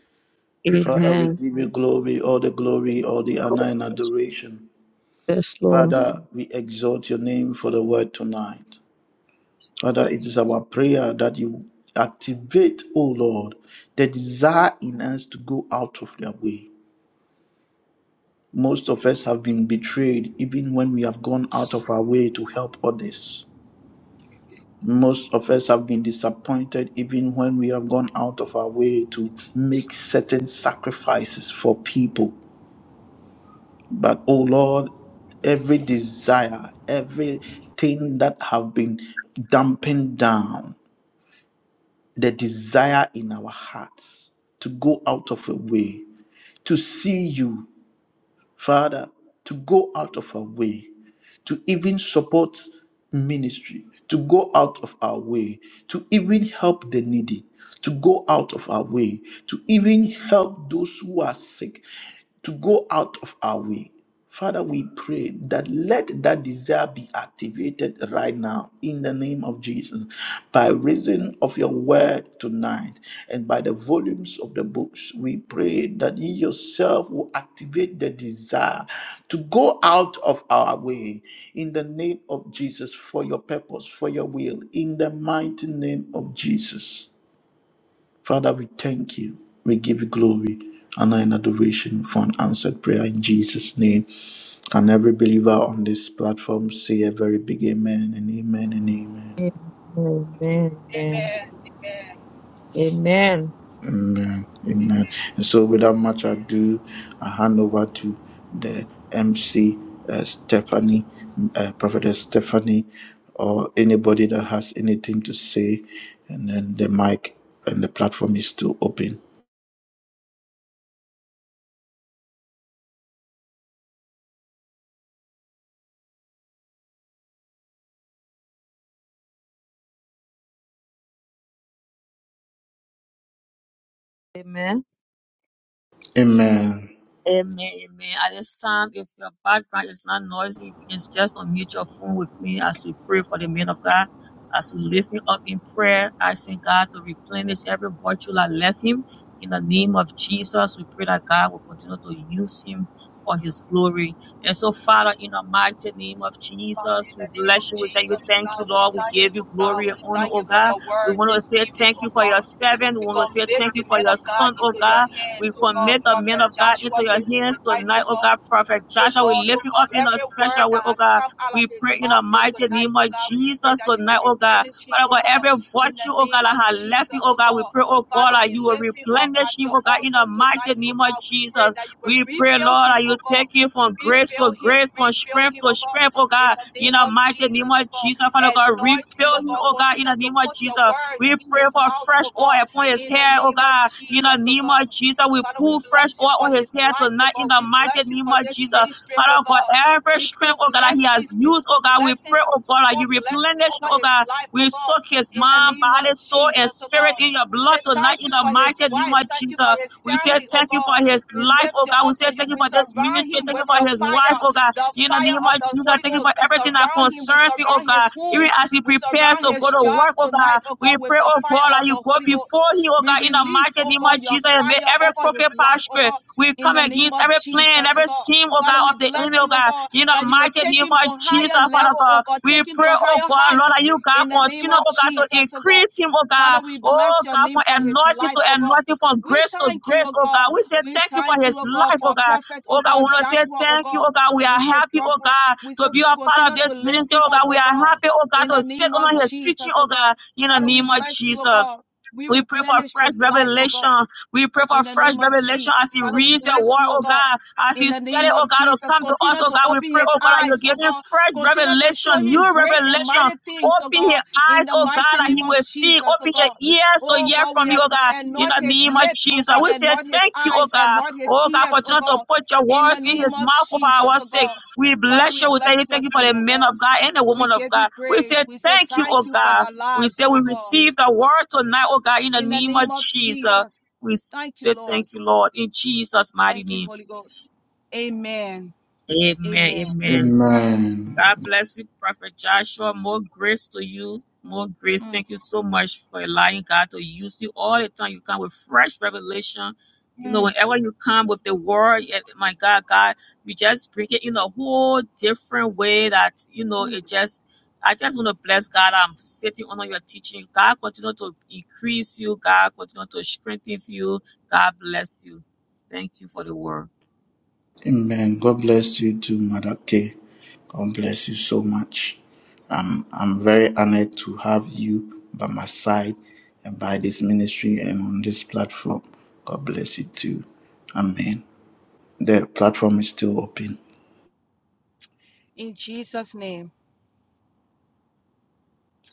B: Father, we
C: Amen.
B: give you glory, all the glory, all the honor and adoration.
C: Yes, Lord.
B: Father, we exalt your name for the word tonight. Father, it is our prayer that you activate, O Lord, the desire in us to go out of their way. Most of us have been betrayed even when we have gone out of our way to help others. Most of us have been disappointed even when we have gone out of our way to make certain sacrifices for people. But oh Lord, every desire, everything that have been dumping down, the desire in our hearts to go out of a way, to see you, Father, to go out of our way, to even support ministry, to go out of our way, to even help the needy, to go out of our way, to even help those who are sick to go out of our way. Father, we pray that let that desire be activated right now in the name of Jesus by reason of your word tonight and by the volumes of the books. We pray that you yourself will activate the desire to go out of our way in the name of Jesus for your purpose, for your will, in the mighty name of Jesus. Father, we thank you. We give you glory, honor, and adoration for an answered prayer in Jesus' name. Can every believer on this platform say a very big amen and amen and amen?
C: Amen. Amen.
F: Amen. Amen.
C: Amen.
B: Amen. Amen. And so, without much ado, I hand over to the MC uh, Stephanie, uh, Prophetess Stephanie, or anybody that has anything to say, and then the mic and the platform is still open.
C: Amen.
B: Amen.
C: Amen, amen. At this time, if your background is not noisy, if you can just unmute your phone with me as we pray for the man of God, as we lift him up in prayer, asking God to replenish every virtue that left him. In the name of Jesus, we pray that God will continue to use him for his glory. And so, Father, in the mighty name of
F: Father,
C: Jesus,
F: in
C: we
F: the name of
C: bless you. We thank you.
F: Jesus, oh
C: Thank you,
F: God, we
C: Lord. We
F: thank you,
C: give you
F: oh God.
C: glory and
F: We
C: honor,
F: thank
C: oh
F: you for
C: God.
F: your
C: We
F: word
C: want to
F: this
C: say
F: evening,
C: thank
F: oh
C: you for your
F: God.
C: servant. We
F: We
C: want to say
F: commit
C: thank
F: the
C: you for
F: men
C: your
F: of God
C: son, oh
F: into your
C: God. We
F: hands, oh God,
C: commit the men
F: Prophet
C: of God
F: Joshua,
C: into your
F: this
C: hands
F: tonight, oh
C: tonight, oh
F: God.
C: God, Prophet
F: Say,
C: Joshua. We
F: Lord, oh
C: lift him
F: God,
C: up in a
F: every word
C: special way,
F: that
C: oh
F: has
C: God.
F: come out of
C: We
F: his
C: pray in the
F: mouth till
C: mighty
F: tonight,
C: name
F: oh
C: of
F: God, we pray
C: Jesus
F: that you will
C: tonight, oh God.
F: replenish him,
C: Father
F: oh
C: God,
F: God,
C: every
F: in the
C: virtue, oh
F: name
C: God, that
F: of
C: has left him,
F: Jesus,
C: oh
F: oh
C: God, we
F: God.
C: pray, oh
F: Father,
C: God, that
F: we
C: you will
F: lift him up
C: replenish
F: at
C: him,
F: your
C: oh God, in the
F: altar
C: mighty
F: tonight, oh
C: name of
F: God. We
C: Jesus.
F: pray that you will
C: We pray,
F: refill
C: Lord,
F: him,
C: that
F: oh
C: you
F: God.
C: take him from grace to
F: Refill him,
C: grace, from
F: refill
C: strength
F: him,
C: to
F: oh God
C: strength, oh
F: in
C: God,
F: the
C: in
F: name
C: the
F: of
C: mighty name
F: Jesus, oh
C: of
F: God.
C: Jesus. Father God,
F: Anoint him,
C: refill
F: oh
C: him,
F: God.
C: oh God, in
F: Continue
C: the
F: to
C: name of
F: put your
C: Jesus. We
F: words in
C: pray
F: his
C: for
F: mouth,
C: fresh
F: oh
C: oil
F: God,
C: upon his
F: in the
C: head, oh
F: name of
C: God. In the
F: Jesus, oh
C: name
F: God.
C: of Jesus, we
F: Father, we
C: pull fresh
F: bless you
C: oil
F: for
C: on
F: his
C: his head
F: life, oh
C: tonight in
F: God.
C: the
F: We
C: mighty
F: bless you
C: name
F: for
C: of
F: this
C: Jesus.
F: ministry, oh
C: Father God,
F: God.
C: every
F: We
C: strength,
F: put
C: oh God, that he has
F: blessings, we
C: used,
F: put
C: oh God, we pray,
F: blessings
C: oh God, that you
F: Perform blessings
C: replenish,
F: over
C: oh
F: his
C: God.
F: life, oh
C: We
F: God,
C: soak his
F: in the
C: mind,
F: name of
C: body, soul,
F: Jesus,
C: and
F: oh
C: spirit in
F: God.
C: your
F: We
C: blood
F: say
C: tonight
F: thank
C: in
F: you
C: the
F: for his
C: mighty name
F: wife,
C: of
F: thank you for
C: Jesus.
F: his
C: We say
F: family, oh
C: thank you
F: God.
C: for his
F: We
C: life,
F: lift
C: oh
F: you
C: God. We
F: up
C: say
F: to you.
C: thank you
F: We
C: for this
F: surround
C: ministry.
F: him
C: Thank
F: with
C: you for
F: your
C: his
F: fire,
C: wife, oh God.
F: the
C: In the name
F: fire
C: of
F: of the
C: Jesus,
F: Holy
C: I thank you
F: Ghost.
C: for
F: We
C: everything that
F: surround him, we
C: concerns me, oh
F: surround his
C: God.
F: home,
C: Even as he
F: we
C: prepares
F: surround
C: to go
F: his
C: to
F: job
C: work, oh God,
F: tonight, oh
C: we
F: God, with
C: pray,
F: the
C: oh
F: fire
C: God,
F: of
C: that you
F: the
C: go
F: Holy Ghost.
C: before him, oh
F: We
C: God, in the
F: release,
C: mighty
F: oh
C: name
F: God,
C: of
F: your
C: Jesus, and may
F: fire
C: every
F: over
C: crooked
F: his
C: path
F: life, oh
C: straight.
F: God,
C: We
F: in
C: come
F: the name
C: against
F: of
C: every plan,
F: Jesus, oh
C: every
F: God.
C: scheme, oh
F: Father,
C: God,
F: we
C: of the enemy,
F: bless
C: oh
F: you, oh
C: God,
F: God,
C: in the
F: that you will
C: mighty
F: take
C: name
F: him
C: of
F: to
C: Jesus,
F: higher
C: Father
F: level, oh
C: God.
F: God,
C: We
F: take him
C: pray,
F: to
C: oh
F: higher
C: God, Lord,
F: heights
C: that you, God,
F: in the name
C: continue,
F: of
C: oh God, to
F: Jesus, oh God.
C: increase him, oh
F: Father,
C: God,
F: we
C: oh
F: bless your
C: God,
F: name
C: from
F: for his
C: anointing
F: life,
C: to
F: oh God.
C: anointing, from
F: We
C: grace to
F: thank you,
C: grace,
F: oh
C: oh
F: God.
C: God. We say
F: We
C: thank you for
F: thank you,
C: his
F: oh God,
C: life, oh
F: for
C: God.
F: prophet,
C: Oh
F: oh
C: God, we
F: God,
C: want to say
F: Joshua, oh
C: thank you.
F: God.
C: Oh God, we
F: We
C: are
F: say,
C: happy, oh
F: proper,
C: God,
F: we say,
C: to be a part of
F: continue to
C: this
F: lift
C: ministry.
F: him
C: Oh
F: up,
C: God, we
F: oh
C: are
F: God,
C: happy, oh
F: in
C: God,
F: the
C: to sit
F: name of
C: under his teaching,
F: Jesus,
C: oh
F: oh God.
C: God, in the
F: Father, we
C: name of
F: bless you, oh
C: Jesus.
F: God. We
C: We pray for
F: replenish
C: fresh
F: his life, oh God
C: revelation. We pray for
F: in the
C: fresh
F: name of
C: revelation as
F: Jesus.
C: he
F: Father, we
C: reads your
F: bless
C: word,
F: you, oh
C: oh
F: God.
C: God. As
F: In
C: He
F: the name
C: studies, oh
F: of
C: God, to
F: Jesus,
C: come to us,
F: continue
C: oh
F: to
C: God. We
F: open
C: pray,
F: his
C: oh God, that you
F: eyes, oh
C: give him
F: God.
C: fresh
F: Continue to show
C: revelation, new
F: him great and
C: revelation.
F: mighty things, oh
C: Open his
F: God. In
C: eyes,
F: the
C: oh God,
F: mighty
C: that
F: name
C: he
F: of
C: will see.
F: Jesus, oh
C: Open your
F: God.
C: ears to
F: Oh
C: hear
F: God, we
C: from you,
F: ask
C: oh God.
F: and
C: In
F: not
C: the
F: his
C: name of
F: lips, oh
C: Jesus,
F: God,
C: we
F: and
C: say
F: not his
C: thank you, oh
F: eyes, and
C: God.
F: not his
C: Oh God,
F: ears, oh
C: continue to
F: God.
C: put your
F: In the
C: words in
F: name
C: his
F: of
C: mouth for
F: Jesus,
C: our
F: oh
C: sake.
F: God.
C: We
F: Father,
C: bless
F: we
C: you. We thank you.
F: bless your
C: Thank you for the
F: name, oh
C: men
F: God.
C: of God and the
F: We
C: woman of
F: give you
C: God. We
F: praise.
C: say
F: We say
C: thank you,
F: thank
C: oh
F: you for
C: God.
F: their
C: We say
F: lives,
C: we
F: oh God.
C: receive the word tonight, oh God, in the
F: In the
C: name
F: name
C: of
F: of
C: Jesus.
F: Jesus.
C: We
F: Thank you,
C: say
F: Lord.
C: thank you, Lord, in Jesus' mighty
F: Thank you,
C: name.
F: Holy Ghost. Amen.
C: Amen.
F: Amen.
C: Amen.
B: Amen.
C: God bless you, Prophet Joshua. More grace to you. More grace.
F: Mm,
C: Thank you so much for allowing God to use you all the time. You come with fresh revelation. You know,
F: mm,
C: whenever you come with the word, eh, my God, God, you just bring it in a whole different way that, you know,
F: mm.
C: it just, I just want to bless God. I'm sitting under your teaching. God continue to increase you. God continue to strengthen you. God bless you. Thank you for the word.
B: Amen. God bless you too, Mother K. God bless you so much. I'm I'm very honored to have you by my side and by this ministry and on this platform. God bless you too. Amen. The platform is still open.
F: In Jesus' name,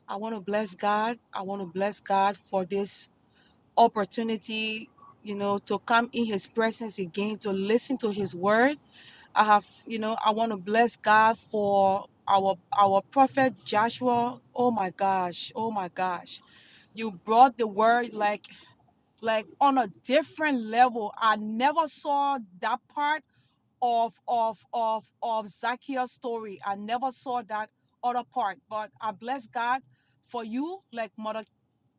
F: I want to bless God. I want to bless God for this opportunity, you know, to come in His presence again, to listen to His word. I have, you know, I want to bless God for our our prophet Joshua. Oh my gosh, oh my gosh. You brought the word like like on a different level. I never saw that part of of of of Zacchaeus story. I never saw that other part, but I bless God for you, like Mother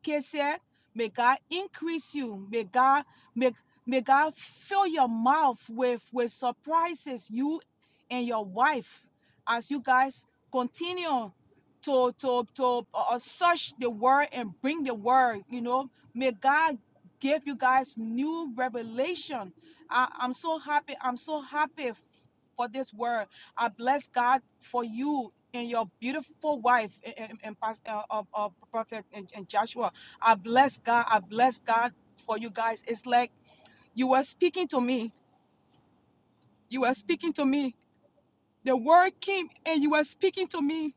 F: K said. May God increase you. May God make may God fill your mouth with with surprises. You and your wife, as you guys continue to to to uh, uh, search the word and bring the word. You know, may God gave you guys new revelation. I, I'm so happy. I'm so happy f- for this word. I bless God for you and your beautiful wife and, and, and Pastor uh, of, of Prophet and, and Joshua. I bless God. I bless God for you guys. It's like you were speaking to me. You were speaking to me. The word came and you were speaking to me.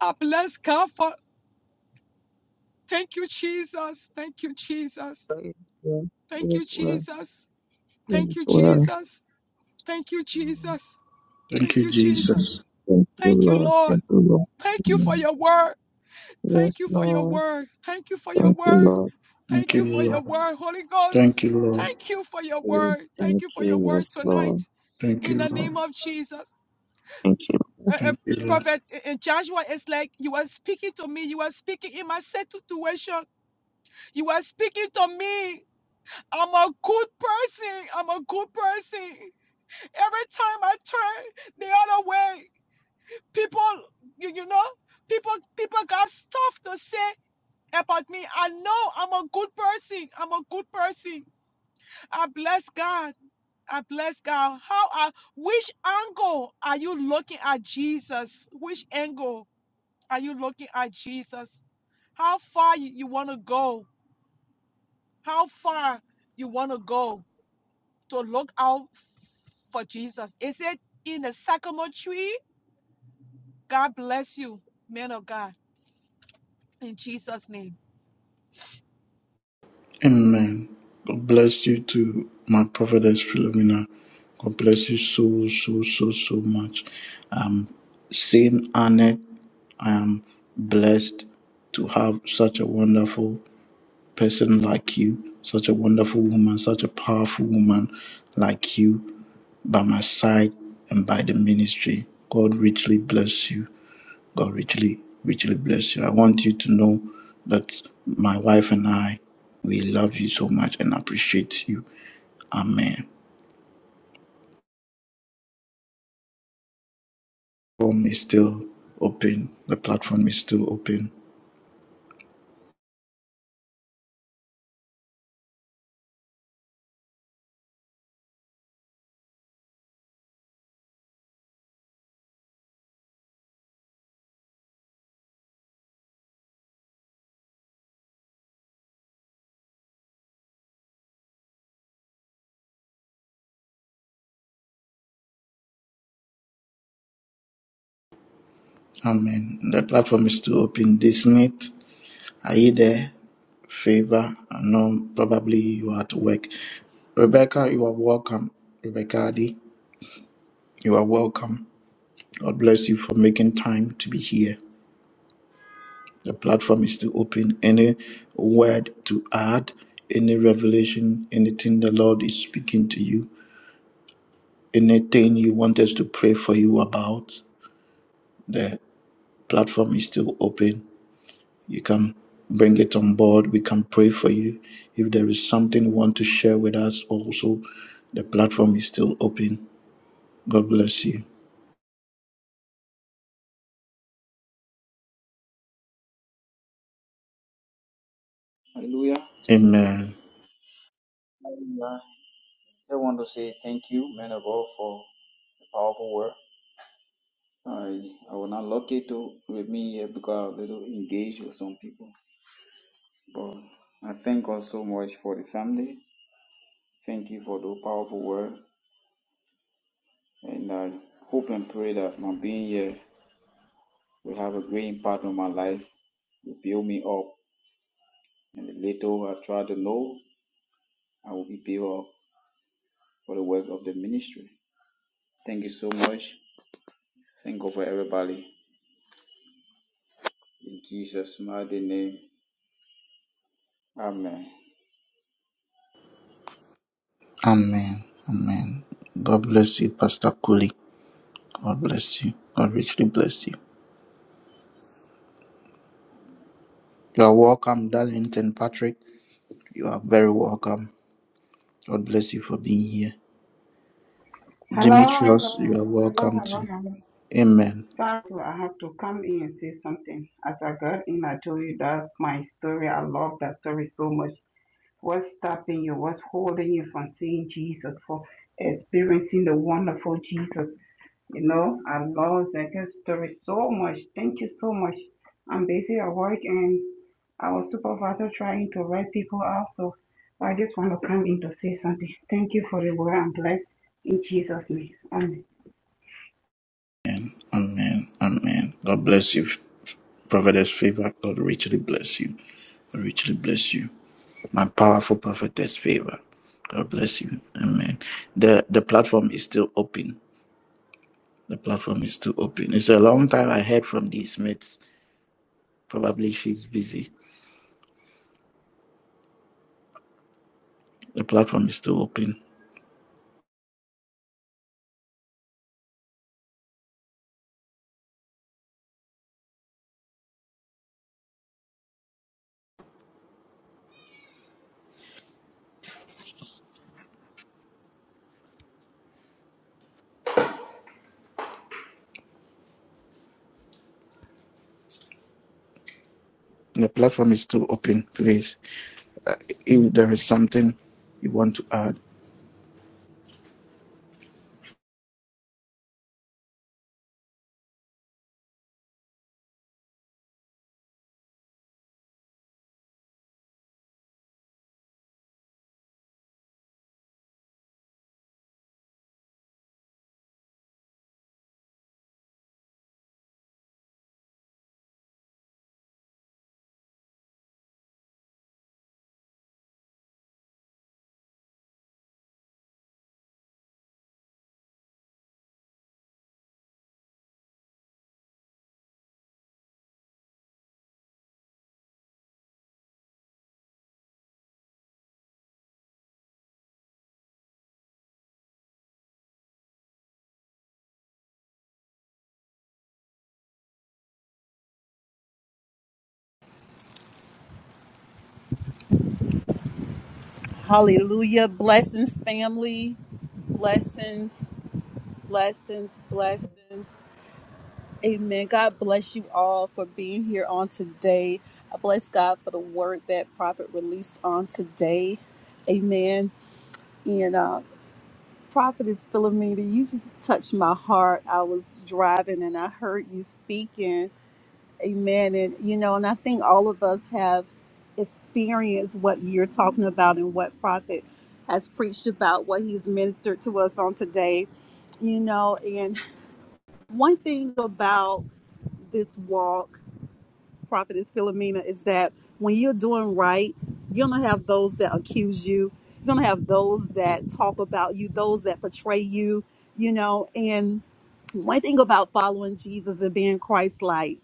F: I bless God for. Thank you, Jesus. Thank you, Jesus.
C: It is well. It
F: Thank you,
C: is well.
F: Jesus.
C: It
F: Thank
C: is
F: you,
C: well.
F: Jesus. Thank you,
C: Amen.
F: Jesus.
B: Thank
F: Thank
B: you,
F: you, Jesus.
C: Mhm.
B: Jesus.
C: Thank you,
F: Thank you,
C: Lord.
F: Lord.
C: Thank you, Lord.
F: Thank you for
C: Amen.
F: your word.
C: Yes,
F: Thank you for your
C: Lord.
F: word. Thank you for your
C: Thank you,
F: word.
C: Lord.
B: Thank
F: Thank
B: you,
F: you for your
B: Lord.
F: word, Holy Ghost.
B: Thank you, Lord.
F: Thank you for your
C: Amen.
F: word. Thank
C: Thank
F: you for your
C: you.
F: word
C: Yes,
F: tonight
C: Lord.
B: Thank
F: in the
B: you,
F: name
B: Lord.
F: of Jesus.
C: Thank you.
F: Uh, uh,
B: Thank you, Lord.
F: Prophet uh, uh, Joshua is like, You are speaking to me. You are speaking in my set situation. You are speaking to me. I'm a good person. I'm a good person. Every time I turn the other way, people you, you know people people got stuff to say about me i know i'm a good person i'm a good person i bless god i bless god how i which angle are you looking at jesus which angle are you looking at jesus how far you, you want to go how far you want to go to look out for jesus is it in the sycamore tree god bless you man of god in jesus name
B: Amen. God bless you to my prophetess Philomena. God bless you so, so, so, so much. Um, same Annette, I am blessed to have such a wonderful person like you, such a wonderful woman, such a powerful woman like you by my side and by the ministry. God richly bless you. God richly, richly bless you. I want you to know that my wife and I, we love you so much and appreciate you. Amen. The Platform is still open. The platform is still open. Amen. The platform is still open this night. Are you there? Favor. I know probably you are at work. Rebecca, you are welcome. Rebecca Adi, you are welcome. God bless you for making time to be here. The platform is to open any word to add, any revelation, anything the Lord is speaking to you, anything you want us to pray for you about. The platform is still open. You can bring it on board. We can pray for you. If there is something you want to share with us, also, the platform is still open. God bless you.
G: Hallelujah.
B: Amen.
G: Hallelujah. I want to say thank you, man of God, for the powerful word. I, I will not lucky it to, with me here because I was a little engaged with some people. But I thank God so much for the family. Thank you for the powerful word. And I hope and pray that my being here will have a great impact on my life, will build me up. And the little I try to know, I will be built up for the work of the ministry. Thank you so much. Thank God for everybody. In Jesus' mighty name. Amen.
B: Amen. Amen. God bless you, Pastor Cooley. God bless you. God richly bless you. You are welcome, Darlington Patrick. You are very welcome. God bless you for being here.
H: Hello, hello,
B: Demetrius, you are
H: hello, hello,
B: welcome
H: hello,
B: too.
H: hello.
B: Amen.
H: Sorry, so I have to come in and say something. As I got in, I told you that's my story. I love that story so much. What's stopping you? What's holding you from seeing Jesus, for experiencing the wonderful Jesus? You know, I love that story so much. Thank you so much. I'm busy at work and our supervisor trying to write people out, so I just want to come in to say something. Thank you for the word. I'm blessed in Jesus' name. Amen.
B: And amen. Amen. God bless you. Prophetess favor. God richly bless you. God richly bless you. My powerful prophetess favor. God bless you. Amen. The the platform is still open. The platform is still open. It's a long time I heard from these mates. Probably she's busy. The platform is still open. The platform is still open, please. Uh, if there is something you want to add, Hallelujah. Blessings, family. Blessings, blessings, blessings. Amen. God bless you all for being here on today. I bless God for the word that Prophet released on today. Amen. And uh, Prophet is Philomena, you just touched my heart. I was driving and I heard you speaking Amen. And you know, and I think all of us have experienced what you're talking about and what Prophet has preached about, what he's ministered to us on today. You know, and [LAUGHS] one thing about this walk, Prophetess Philomena, is that when you're doing right, you're gonna have those that accuse you. You're gonna have those that talk about you, those that betray you, you know, and one thing about following Jesus and being Christ like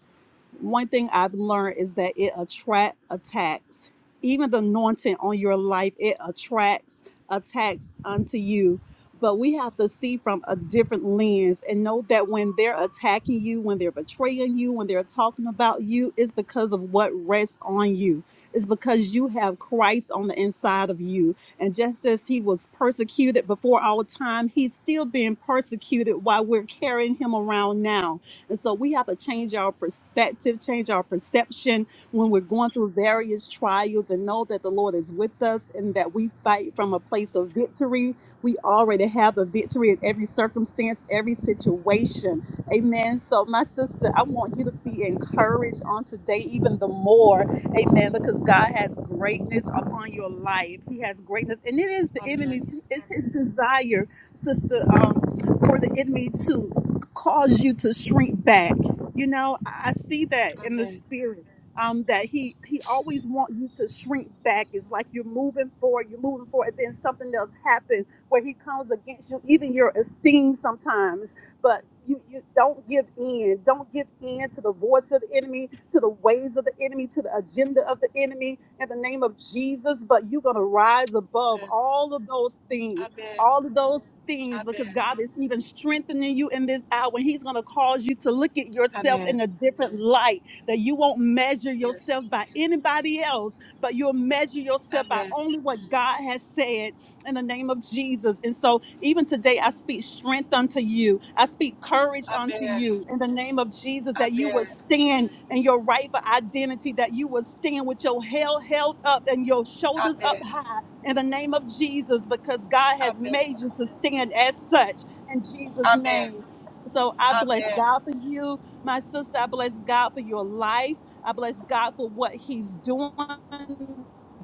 B: one thing I've learned is that it attract attacks. Even the anointing on your life, it attracts attacks unto you. But we have to see from a different lens and know that when they're attacking you, when they're betraying you, when they're talking about you, it's because of what rests on you. It's because you have Christ on the inside of you. And just as he was persecuted before our time, he's still being persecuted while we're carrying him around now and so we have to change our perspective, change our perception when we're going through various trials and know that the Lord is with us and that we fight from a place of victory. We already have the victory in every circumstance, every situation. Amen. So, my sister, I want you to be encouraged on today even the more. Amen. Because God has greatness upon your life. He has greatness. And it is the
F: amen
B: enemy's, it's his desire, sister, um, for the enemy to cause you to shrink back. You know, I I see that in the
F: Amen.
B: spirit. Um, that he he always wants you to shrink back. It's like you're moving forward, you're moving forward, and then something else happens where he comes against you, even your esteem sometimes. But you you don't give in. Don't give in to the voice of the enemy, to the ways of the enemy, to the agenda of the enemy in the name of Jesus. But you're gonna rise above
F: Amen.
B: all of those things
F: Amen.
B: all of those things because
F: Amen.
B: God is even strengthening you in this hour. He's going to cause you to look at yourself
F: Amen.
B: in a different light, that you won't measure
F: Yes.
B: yourself by anybody else, but you'll measure yourself by
F: Amen.
B: only what God has said in the name of Jesus. And so, even today, I speak strength unto you, I speak courage unto
F: Amen.
B: you in the name of Jesus, that you will
F: Amen.
B: stand in your rightful identity, that you will stand with your head held up and your shoulders up
F: Amen.
B: high in the name of Jesus because God has
F: Amen.
B: made you to stand as such in
F: Amen.
B: Jesus'
F: Amen. Amen.
B: name. So I bless
F: Amen.
B: God for you, my sister. I bless God for your life. I bless God for what He's doing,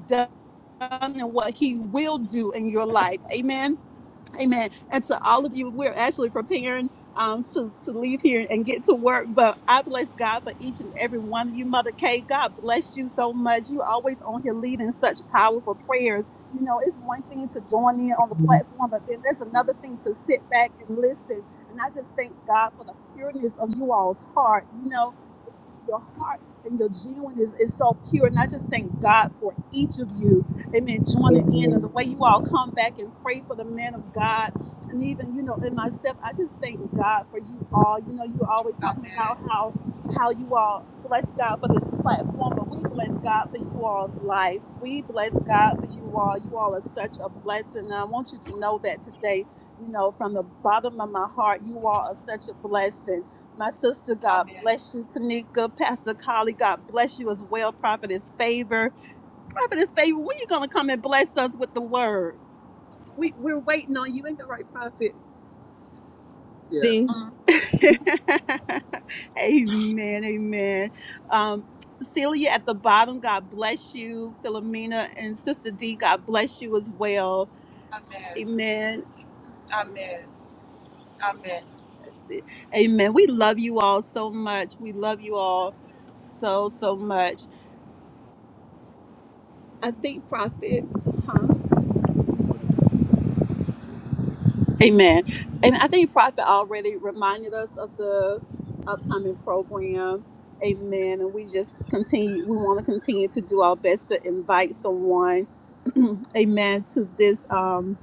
B: done, and what He will do in your life. Amen. Amen. And to all of you, we're actually preparing um, to, to leave here and get to work. But I bless God for each and every one of you, Mother Kay. God bless you so much. You always on here leading such powerful prayers. You know, it's one thing to join in on the platform, but then there's another thing to sit back and listen. And I just thank God for the pureness of you all's heart. You know, y- y- your hearts and your genuineness is so pure. And I just thank God for each of you amen, joining in and the way you all come back and pray for the man of God. And even, you know, in myself, I just thank God for you all. You know, you always talking about how how you all bless God for this platform, but we bless God for you all's life. We bless God for you all. You all are such a blessing. And I want you to know that today, you know, from the bottom of my heart, you all are such a blessing. My sister, God bless you, Tanika, Pastor Collie, God bless you as well, Prophetess Favor. Prophetess baby, when you gonna come and bless us with the word? We we're waiting on you. Ain't the right prophet.
C: Amen.
B: [LAUGHS] amen, amen. Um, Celia at the bottom, God bless you. Philomena and Sister D, God bless you as well. Amen.
F: Amen. Amen. Amen.
B: Amen. We love you all so much. We love you all so, so much. I think, Prophet, huh? Amen. And I think Prophet already reminded us of the upcoming program. Amen. And we just continue, we want to continue to do our best to invite someone, [CLEARS THROAT] amen, to this um,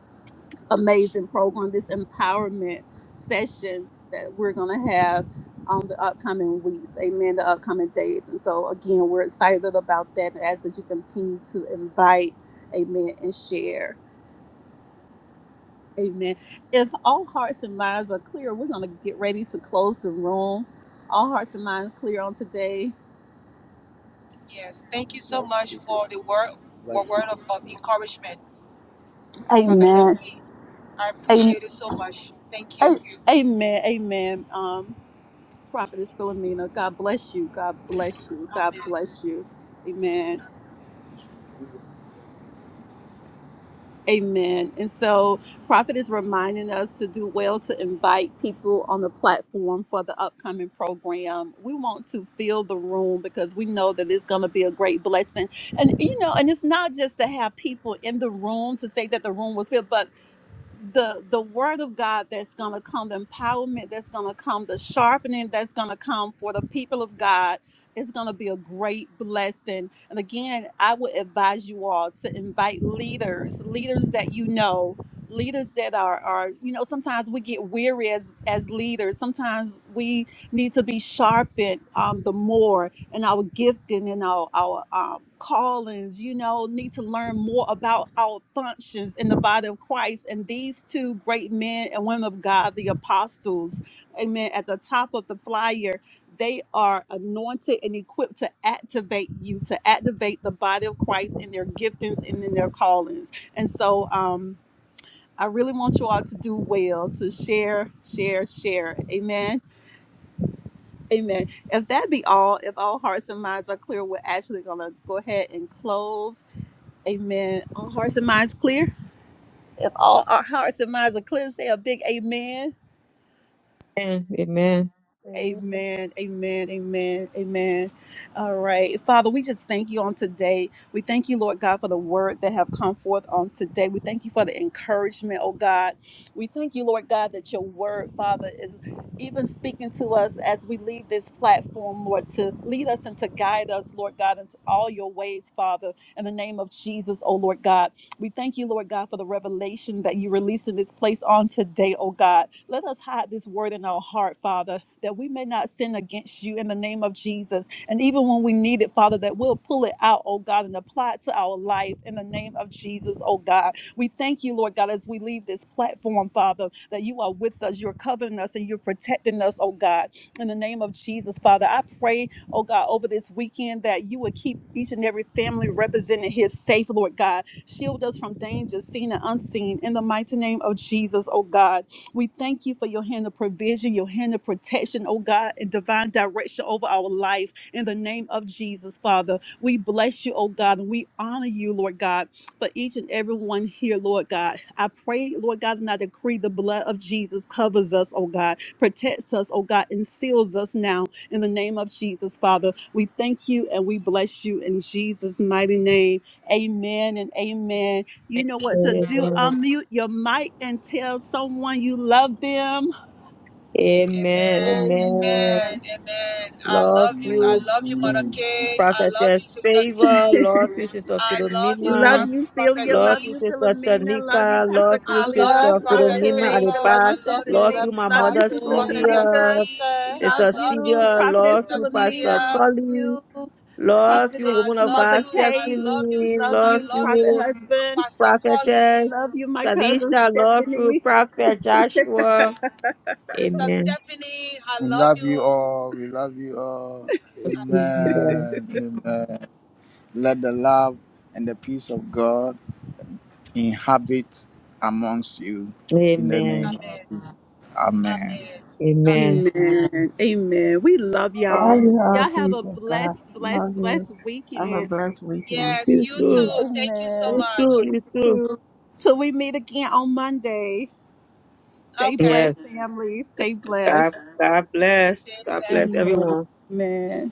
B: amazing program, this empowerment session that we're going to have on the upcoming weeks. Amen. The upcoming days. And so, again, we're excited about that as that you continue to invite, amen, and share. Amen. If all hearts and minds are clear, we're going to get ready to close the room. All hearts and minds clear on today.
F: Yes. Thank you so
B: Life
F: much
B: people,
F: for the word
B: life
F: for word of,
B: people.
F: of encouragement, Prophetess
B: Amen.
F: E. I appreciate it so much. Thank you.
B: Amen. Amen. Amen. Um, Prophetess Philomena, God bless you. God bless you. God
F: Amen.
B: bless you. Amen. Amen. And so, Prophet is reminding us to do well to invite people on the platform for the upcoming program. We want to fill the room because we know that it's going to be a great blessing. And, you know, and it's not just to have people in the room to say that the room was filled, but the the word of God that's going to come, the empowerment that's going to come, the sharpening that's going to come for the people of God is going to be a great blessing. And again, I would advise you all to invite leaders, leaders that you know, leaders that are are you know sometimes we get weary as as leaders. Sometimes we need to be sharpened um, the more and our gifting and our, our um, callings you know need to learn more about our functions in the body of christ and these two great men and women of god the apostles amen at the top of the flyer they are anointed and equipped to activate you to activate the body of christ in their giftings and in their callings and so um, i really want you all to do well to share share share amen Amen. If that be all, if all hearts and minds are clear, we're actually going to go ahead and close. Amen. All hearts and minds clear? If all our hearts and minds are clear, say a big amen.
C: Amen.
E: Amen.
B: Amen. Amen. Amen. Amen. All right. Father, we just thank you on today. We thank you, Lord God, for the word that have come forth on today. We thank you for the encouragement, oh God. We thank you, Lord God, that your word, Father, is even speaking to us as we leave this platform, Lord, to lead us and to guide us, Lord God, into all your ways, Father, in the name of Jesus, oh Lord God. We thank you, Lord God, for the revelation that you released in this place on today, oh God. Let us hide this word in our heart, Father, that we may not sin against you in the name of Jesus. And even when we need it, Father, that we'll pull it out, oh God, and apply it to our life in the name of Jesus, oh God. We thank you, Lord God, as we leave this platform, Father, that you are with us, you're covering us, and you're protecting us, oh God. In the name of Jesus, Father, I pray, oh God, over this weekend that you would keep each and every family represented here safe, Lord God Shield us from dangers seen and unseen. In the mighty name of Jesus, oh God. We thank you for your hand of provision, your hand of protection, oh God, and divine direction over our life. In the name of Jesus, Father, we bless you, oh God, and we honor you, Lord God, for each and every one here, Lord God. I pray, Lord God, and I decree the blood of Jesus covers us, oh God, protects us, oh God, and seals us now. In the name of Jesus, Father, we thank you and we bless you in Jesus' mighty name. Amen and amen. You know what to do.
C: Amen.
B: Unmute your mic and tell someone you love them.
C: Amen.
F: Amen.
C: Amen.
B: Amen.
F: Amen. Amen. I
C: Love
F: love you. I
C: you,
B: Amen.
F: love you, Mother
B: Amen.
F: K. I love you,
C: prophetess
F: Sister
C: favor.
F: D.
C: Love you, sister
F: I love you,
B: Love
C: Philomena.
F: Prof-
B: you,
F: Prophet
B: Celia.
C: Love
B: Love
C: you,
F: D.
B: you,
C: sister
B: Philomena. Love you,
C: Tanika.
B: Pastor
C: Love
F: I
C: you,
B: Collie.
F: love
B: Love
F: you,
E: Love
B: you,
C: sister
E: you,
F: Prophet
B: Prophetess
C: Philomena at
F: Favor.
E: Philomena.
C: the
B: Favor.
E: Love
B: Love
E: you,
F: I
B: you,
C: back.
F: love
B: Sister
E: Stephanie.
C: Love
F: you,
E: Love
C: you,
B: D.
C: my
E: you,
B: Love you,
C: mother
B: Sister
G: Love
E: Prophet.
G: you.
C: Celia.
E: Love
F: Prophetess
E: you,
B: Tanika.
E: sister.
F: D. I
B: Love
C: Sister
F: love you,
B: you,
C: Celia.
B: Prophetess
C: Love
F: Sister
C: you,
B: Philomena.
C: Pastor
F: Celia.
B: Love
C: Colin.
B: you,
C: Love you,
F: I
B: Prophetess
C: woman of
F: love
B: Mother
C: God,
F: you. I
B: Kate.
F: love you.
C: Stephanie.
B: Love
F: I
C: Love
B: you,
F: love
B: Prophet
F: you,
C: you,
B: Husband.
F: Pastor Colin.
B: Love
C: prophetess.
B: you, my cousin
C: Talisha, love you,
B: Stephanie.
C: prophet Joshua.
F: Sister
C: Amen.
F: Stephanie. I
B: We
F: love
B: love you
F: you.
B: all. We love you all.
F: Amen.
C: Amen.
B: Amen. [LAUGHS] Amen. Let the love and the peace of God inhabit amongst you in the
C: Amen.
B: name of
F: Amen.
B: Jesus. Amen.
F: Amen. Amen.
C: Amen.
B: Amen. Amen. We love
H: Love
B: y'all.
H: you all.
B: Y'all have a
H: Thank you, God.
B: blessed, blessed,
H: Love you.
B: blessed
H: Have a
B: weekend.
H: blessed weekend.
F: Yes,
C: You
F: you
C: too.
H: Amen.
F: too. Thank you so
C: You
B: Amen.
F: much.
C: too. You too.
B: Till, till we meet again on Monday. Stay
C: Yes.
F: Okay.
B: blessed, family. Stay
C: God,
B: blessed.
C: God bless.
F: Stay
C: God bless
F: blessed.
C: everyone.
B: Amen.